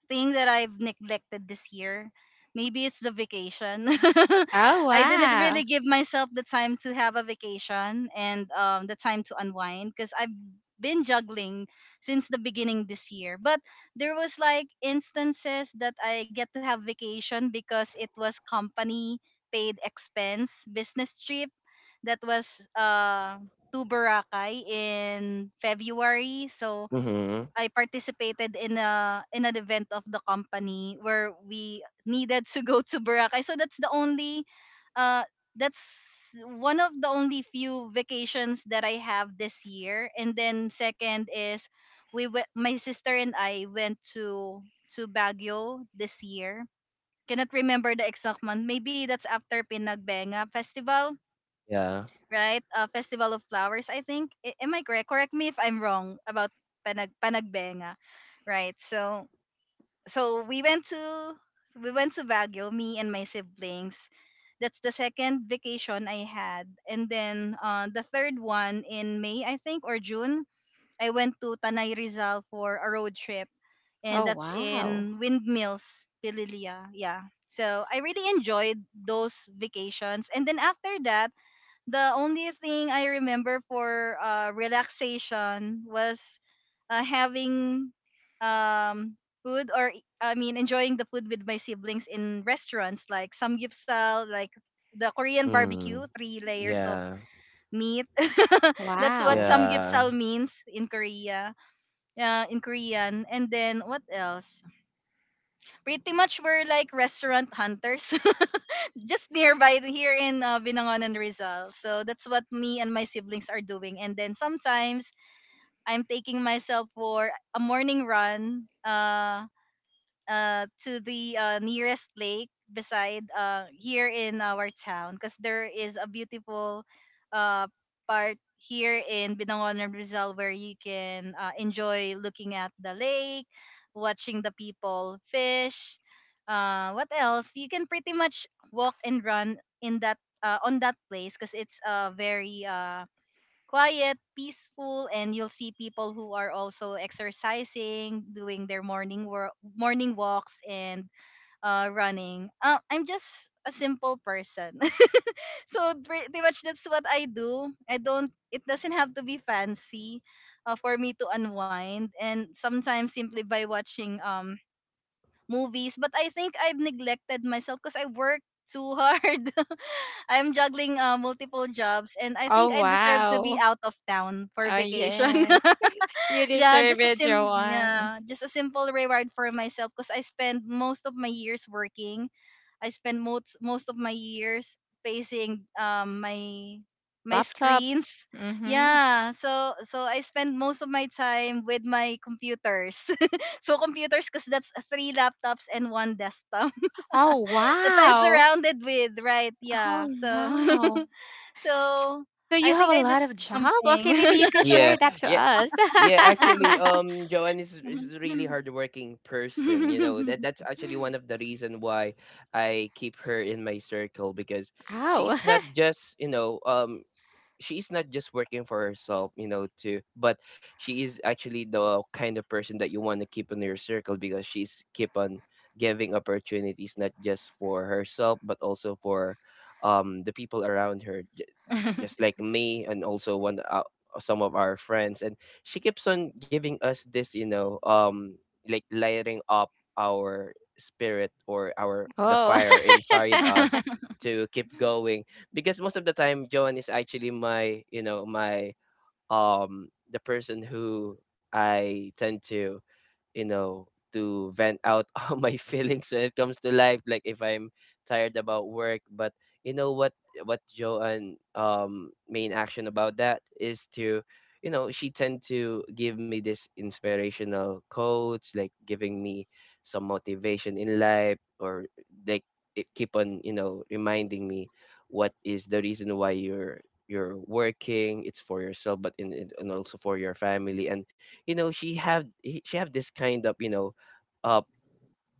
thing that I've neglected this year, maybe it's the vacation.
Oh,
I didn't
wow.
really give myself the time to have a vacation and the time to unwind because I've been juggling since the beginning this year. But there was like instances that I get to have vacation because it was company paid expense business trip that was to Boracay in February. So
Mhm.
I participated in a in an event of the company where we needed to go to Boracay. So that's the only uh that's one of the only few vacations that I have this year. And then second is my sister and I went to Baguio this year. Cannot remember the exact month. Maybe that's after Pinagbenga Festival,
Yeah.
right? Festival of Flowers, I think. Am I correct? Correct me if I'm wrong about Panagbenga, right? So so we went to we went to Baguio, me and my siblings. That's the second vacation I had, and then the third one in May, I think, or June. I went to Tanay Rizal for a road trip, and
Oh,
that's
wow.
in Windmills, Pililia. Yeah. So I really enjoyed those vacations, and then after that the only thing I remember for relaxation was having um, food or e- I mean enjoying the food with my siblings in restaurants like samgyeopsal, like the Korean
Mm.
barbecue, three layers of
Yeah.
meat. That's what
Wow.
samgyeopsal
Yeah.
means in Korea, in Korean. And then what else? Pretty much we're like restaurant hunters. Just nearby here in Binangonan, Rizal. So that's what me and my siblings are doing. And then sometimes I'm taking myself for a morning run. To the nearest lake beside here in our town, because there is a beautiful uh part here in Binangon and Rizal where you can enjoy looking at the lake, watching the people fish. What else? You can pretty much walk and run in that on that place because it's very quiet, peaceful, and you'll see people who are also exercising, doing their morning work, morning walks, and running. I'm just a simple person, so pretty much that's what I do. I don't. It doesn't have to be fancy for me to unwind, and sometimes simply by watching movies. But I think I've neglected myself because I work too hard. I'm juggling multiple jobs, and I
Oh,
think I deserve to be
wow.
out of town for
Oh,
vacation.
yes. You deserve it, Joanne.
Yeah, just a simple reward for myself because I spend most of my years working. I spend most of my years facing my
Laptop.
screens.
Mm-hmm.
Yeah, so I spend most of my time with my computers. So computers, because that's three laptops and one desktop.
Oh,
That's I'm
wow.
surrounded with, right?
Oh,
Yeah. So
no. So you have a
so
lot of
I
job?
think I
Okay,
deserve
maybe you can
something.
share that to
Yeah,
us.
yeah, yeah. Actually, Joanne is a really hardworking person. You know, that that's actually one of the reason why I keep her in my circle, because
Ow.
she's not just you know um she's not just working for herself, you know, too, but she is actually the kind of person that you want to keep in your circle, because she's keep on giving opportunities not just for herself but also for the people around her, just like me and also one some of our friends. And she keeps on giving us this, you know, like lighting up our spirit or our the
Oh.
fire inside us to keep going, because most of the time Joan is actually my, you know, my the person who I tend to, you know, to vent out all my feelings when it comes to life, like if I'm tired about work. But you know what Joanne main action about that is to, you know, she tend to give me this inspirational quotes, like giving me some motivation in life, or like it keep on, you know, reminding me, what is the reason why you're working? It's for yourself, but and also for your family. And you know, she have this kind of, you know, uh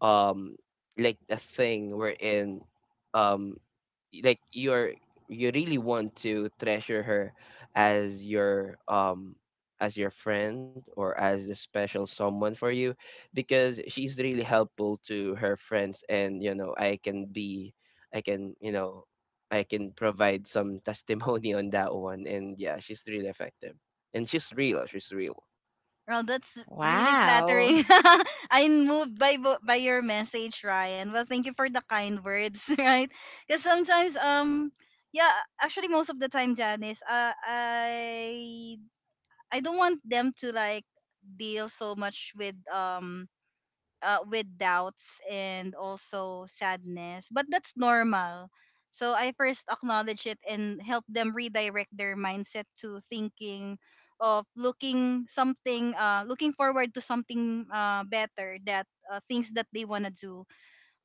um like a thing wherein, um like you're, you really want to treasure her as your um as your friend or as a special someone for you, because she's really helpful to her friends. And you know, I can, you know, I can provide some testimony on that one. And yeah, she's really effective, and she's real.
Well, that's really
Wow.
flattering. I'm moved by your message, Ryan. Well, thank you for the kind words, right? Because sometimes, yeah, actually, most of the time, Janice, I don't want them to like deal so much with doubts and also sadness. But that's normal. So I first acknowledge it and help them redirect their mindset to thinking of looking forward to something better, that things that they wanna do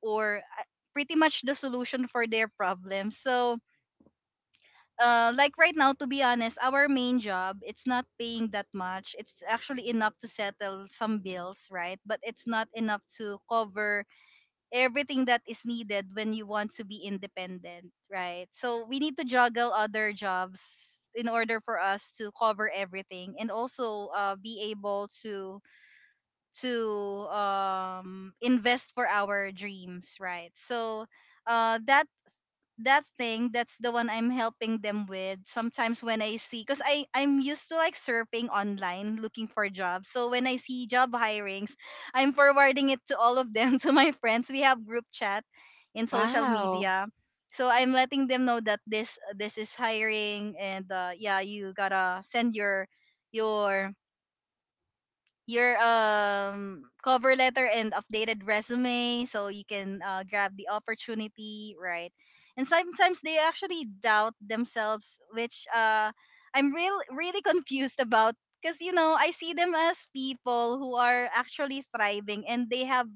or pretty much the solution for their problem. So like right now, to be honest, our main job it's not paying that much. It's actually enough to settle some bills, right? But it's not enough to cover everything that is needed when you want to be independent, right? So we need to juggle other jobs in order for us to cover everything and also be able to invest for our dreams, right? So uh, that that thing, that's the one I'm helping them with sometimes when I see, because I'm used to like surfing online looking for jobs, so when I see job hirings I'm forwarding it to all of them to my friends. We have group chat in social
Wow.
media, so I'm letting them know that this is hiring and yeah, you gotta send your your your cover letter and updated resume so you can grab the opportunity, right? And sometimes they actually doubt themselves, which I'm real really confused about, because you know I see them as people who are actually thriving and they have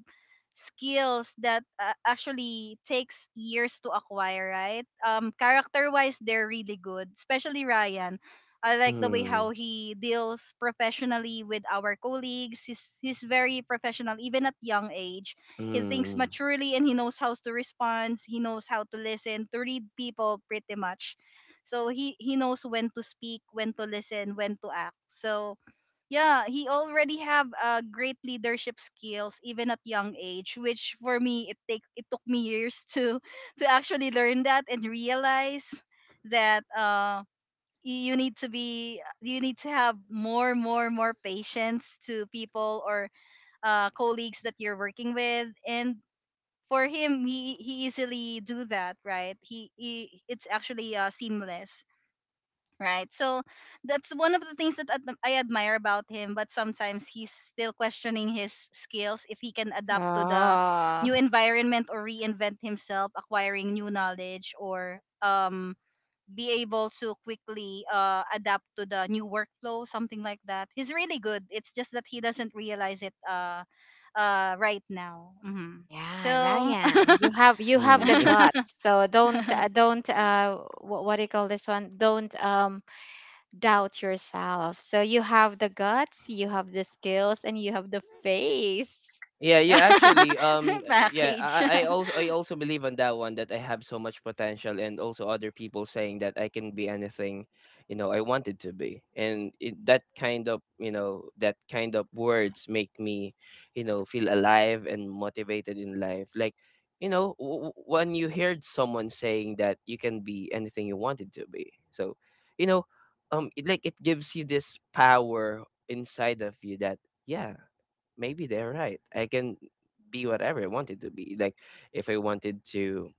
skills that actually takes years to acquire, right? Um, character wise they're really good, especially Ryan. I like the way how
Mm.
he deals professionally with our colleagues. He's very professional even at young age. He thinks
嗯
maturely and he knows how to respond. He knows how to listen, to read people pretty much. So he knows when to speak, when to listen, when to act. So yeah, he already have great leadership skills even at young age, which for me it took me years to to actually learn that and realize that you need to be, you need to have more patience to people or colleagues that you're working with. And for him, he easily do that, right? He, it's actually seamless, right? So that's one of the things that I admire about him. But sometimes he's still questioning his skills if he can adapt to the
Oh.
new environment or reinvent himself, acquiring new knowledge, or be able to quickly adapt to the new workflow, something like that. He's really good. It's just that he doesn't realize it right now. Hmm.
Yeah,
So,
Ryan, you
嗯，因
have the guts. So don't what do you call this one? Don't doubt yourself. So you have the guts, you have the skills, and you have the face.
Yeah, actually, yeah,
package.
I also believe on that one, that I have so much potential, and also other people saying that I can be anything, you know, I wanted to be. And it, that kind of, you know, that kind of words make me, you know, feel alive and motivated in life. Like, you know, when you heard someone saying that you can be anything you wanted to be, so, you know, it, like it gives you this power inside of you that yeah, maybe they're right. I can be whatever I wanted to be. Like if I wanted to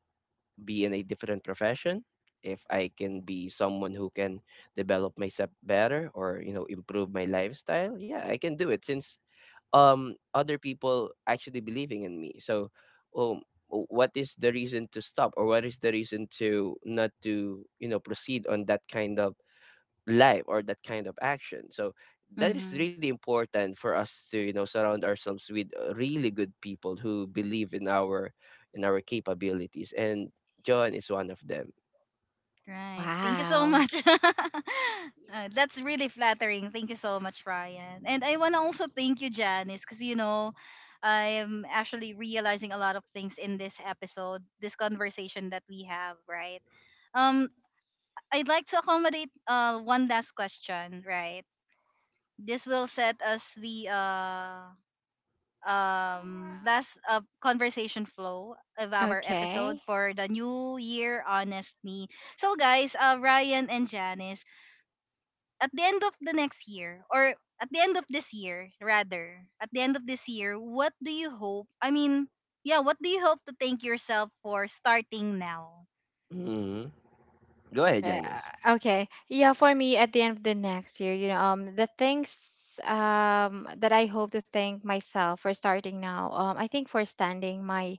be in a different profession, if I can be someone who can develop myself better, or, you know, improve my lifestyle, yeah, I can do it, since other people actually believing in me. So um what is the reason to stop, or what is the reason to not to, you know, proceed on that kind of life or that kind of action. So that is
Mhm.
really important for us to, you know, surround ourselves with really good people who believe in our capabilities. And John is one of them.
Right. Thank you so
Wow.
much. That's really flattering. Thank you so much, Ryan. And I want to also thank you, Janice, because, you know, I'm actually realizing a lot of things in this episode, this conversation that we have, right? Um, I'd like to accommodate one last question, right? This will set us the last conversation flow of our episode
Okay.
for the new year, honest me. So guys, Ryan and Janice, at the end of this year, rather at the end of this year what do you hope, yeah, what do you hope to thank yourself for starting now?
Hmm. Go ahead,
Alright.
Janice.
Okay. Yeah, for me at the end of the next year, you know, the things that I hope to thank myself for starting now. I think for standing my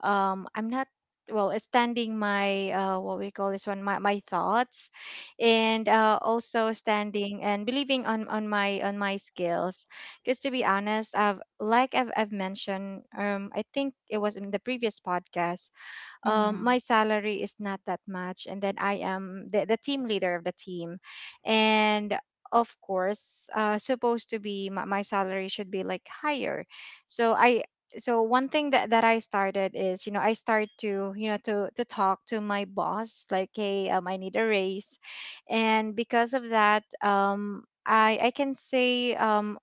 I'm not well, it's standing my what we call this one, my thoughts, and also standing and believing on my skills. Because to be honest, I've mentioned, I think it was in the previous podcast,
Mm-hmm.
my salary is not that much, and then I am the team leader of the team. And of course, supposed to be my salary should be like higher. So I, so one thing that I started is, you know, I start to, you know, to talk to my boss like, "Hey, I need a raise." And because of that, I can say,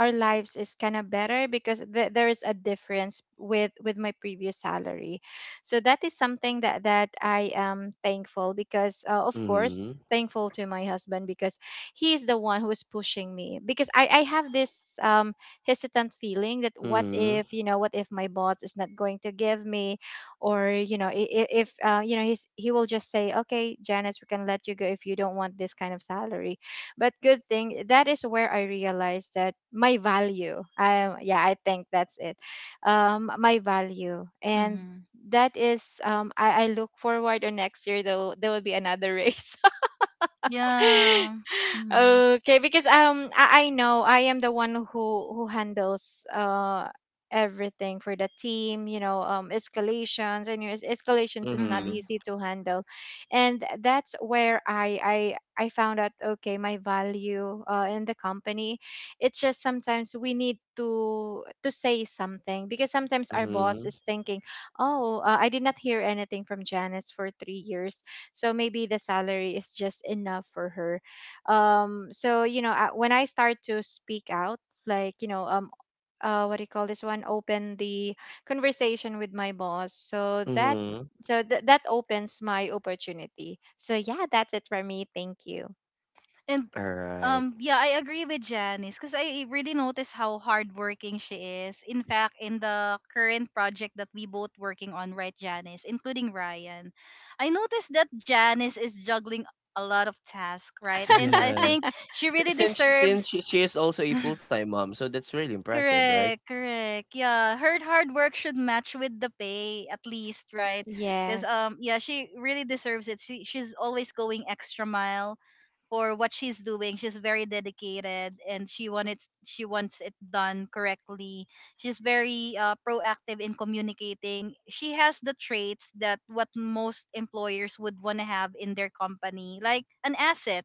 our lives is kind of better because there is a difference with my previous salary. So that is something that that I am thankful, because of
Mm-hmm.
course thankful to my husband, because he is the one who is pushing me, because I have this hesitant feeling that, what
Mm-hmm.
if, you know, what if my boss is not going to give me, or you know, if you know, he's he will just say, "Okay, Janice, we can let you go if you don't want this kind of salary." But good thing, that is where I realized that my value. Yeah, I think that's it. My value, and
Mm-hmm.
that is I look forward to next year, though there will be another race.
Yeah. Mm-hmm.
Okay, because I know, I am the one who handles everything for the team, you know, escalations, and escalations is not
Mm-hmm.
Mm-hmm.
easy to handle. And that's where I found out, okay, my value in the company. It's just sometimes we need to say something, because sometimes our boss
Mm-hmm.
is thinking, "Oh, I did not hear anything from Janice for 3 years, so maybe the salary is just enough for her." So, you know, when I start to speak out, like, you know, what do you call this one, open the conversation with my boss, so that
Mm-hmm.
so that opens my opportunity. So yeah, that's it for me, thank you.
And
All right.
yeah, I agree with Janice because I really notice how hardworking she is. In fact, in the current project that we both working on, right Janice, including Ryan, I noticed that Janice is juggling a lot of tasks, right? And I
Yes.
think she
S-
really
since since
deserves.
she is also a full time mom, so that's really impressive, right?
Correct, correct. Yeah, her hard work should match with the pay at least, right? Because
Yes.
yeah, she really deserves it. She's always going extra mile for what she's doing. She's very dedicated and she wants it done correctly. She's very proactive in communicating. She has the traits that what most employers would want to have in their company, like an asset,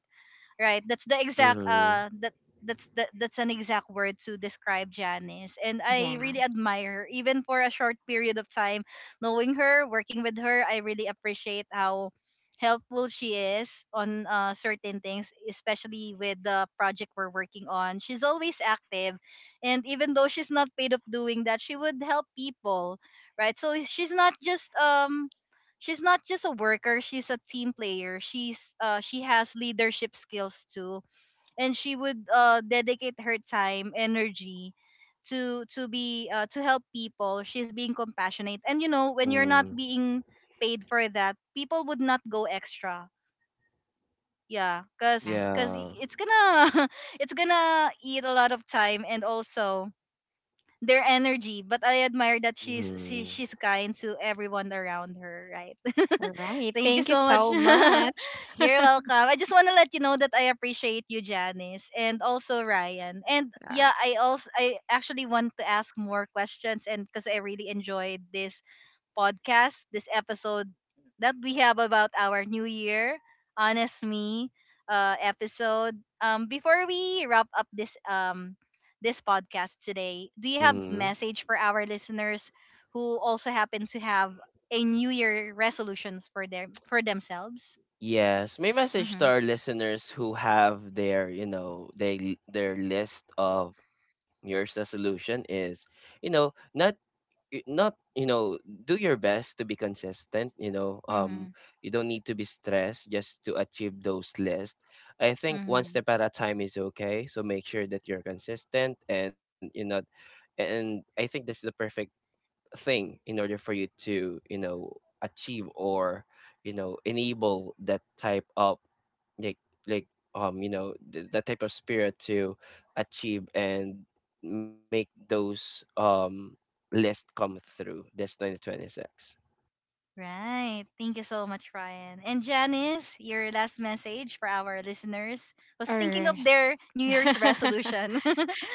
right? That's the exact
Mm-hmm.
that's the, that's an exact word to describe Janice. And I
Yeah,
really admire her even for a short period of time knowing her, working with her. I really appreciate how helpful she is on certain things, especially with the project we're working on. She's always active, and even though she's not paid of doing that she would help people, right? So she's not just a worker, she's a team player. She has leadership skills too, and she would dedicate her time, energy to be to help people. She's being compassionate, and you know when you're not
Mm-hmm.
being paid for that, people would not go extra. Yeah, cuz
yeah.
cuz
Yeah.
it's gonna it's gonna eat a lot of time and also their energy. But I admire that she,
Mm-hmm.
she's kind to everyone around her, right?
All right,
Thank you
thank you
so much.
so much.
You're welcome. I just want to let you know that I appreciate you, Janice, and also Ryan. And
Uh,
yeah, I actually want to ask more questions, and because I really enjoyed this podcast, this episode that we have about our New Year, Honest Me episode. Before we wrap up this this podcast today, do you have message for our listeners who also happen to have a New Year resolutions for them for themselves?
Yes, my message to
Mm-hmm.
our listeners who have their, you know, they their list of New Year's resolution is, you know, not you know, do your best to be consistent. You know,
Mm-hmm.
you don't need to be stressed just to achieve those lists. I think one
Mm-hmm.
step at a time is okay. So make sure that you're consistent, and you know, and I think that's the perfect thing in order for you to, you know, achieve or you know, enable that type of like like you know, that type of spirit to achieve and make those list come through this 2026,
Right. Thank you so much, Ryan. And Janice, your last message for our listeners was
all
thinking
right.
of their New Year's resolution.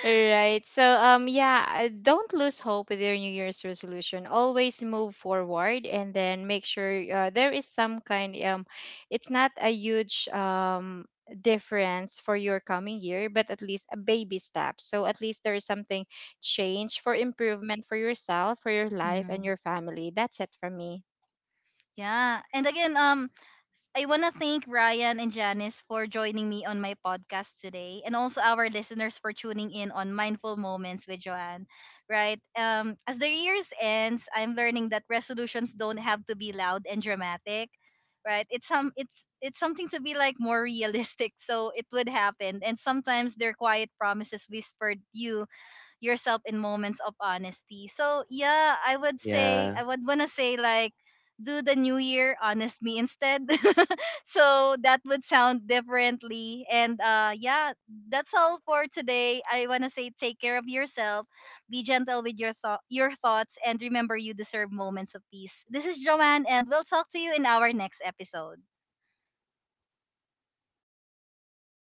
Right. So yeah, don't lose hope with your New Year's resolution. Always move forward, and then make sure there is some kind, it's not a huge difference for your coming year, but at least a baby step. So at least there is something change for improvement for yourself, for your life, and
Mhm.
your family. That's it from me.
Yeah. And again, I want to thank Ryan and Janice for joining me on my podcast today, and also our listeners for tuning in on Mindful Moments with Joanne. Right. As the years ends, I'm learning that resolutions don't have to be loud and dramatic. Right. It's some. It's something to be like more realistic. So it would happen. And sometimes they're quiet promises whispered you yourself in moments of honesty. So yeah, I would say, I
yeah.
would wanna say like do the new year honest me instead. So that would sound differently. And yeah, that's all for today. I wanna say take care of yourself, be gentle with your thoughts, and remember you deserve moments of peace. This is Joanne and we'll talk to you in our next episode.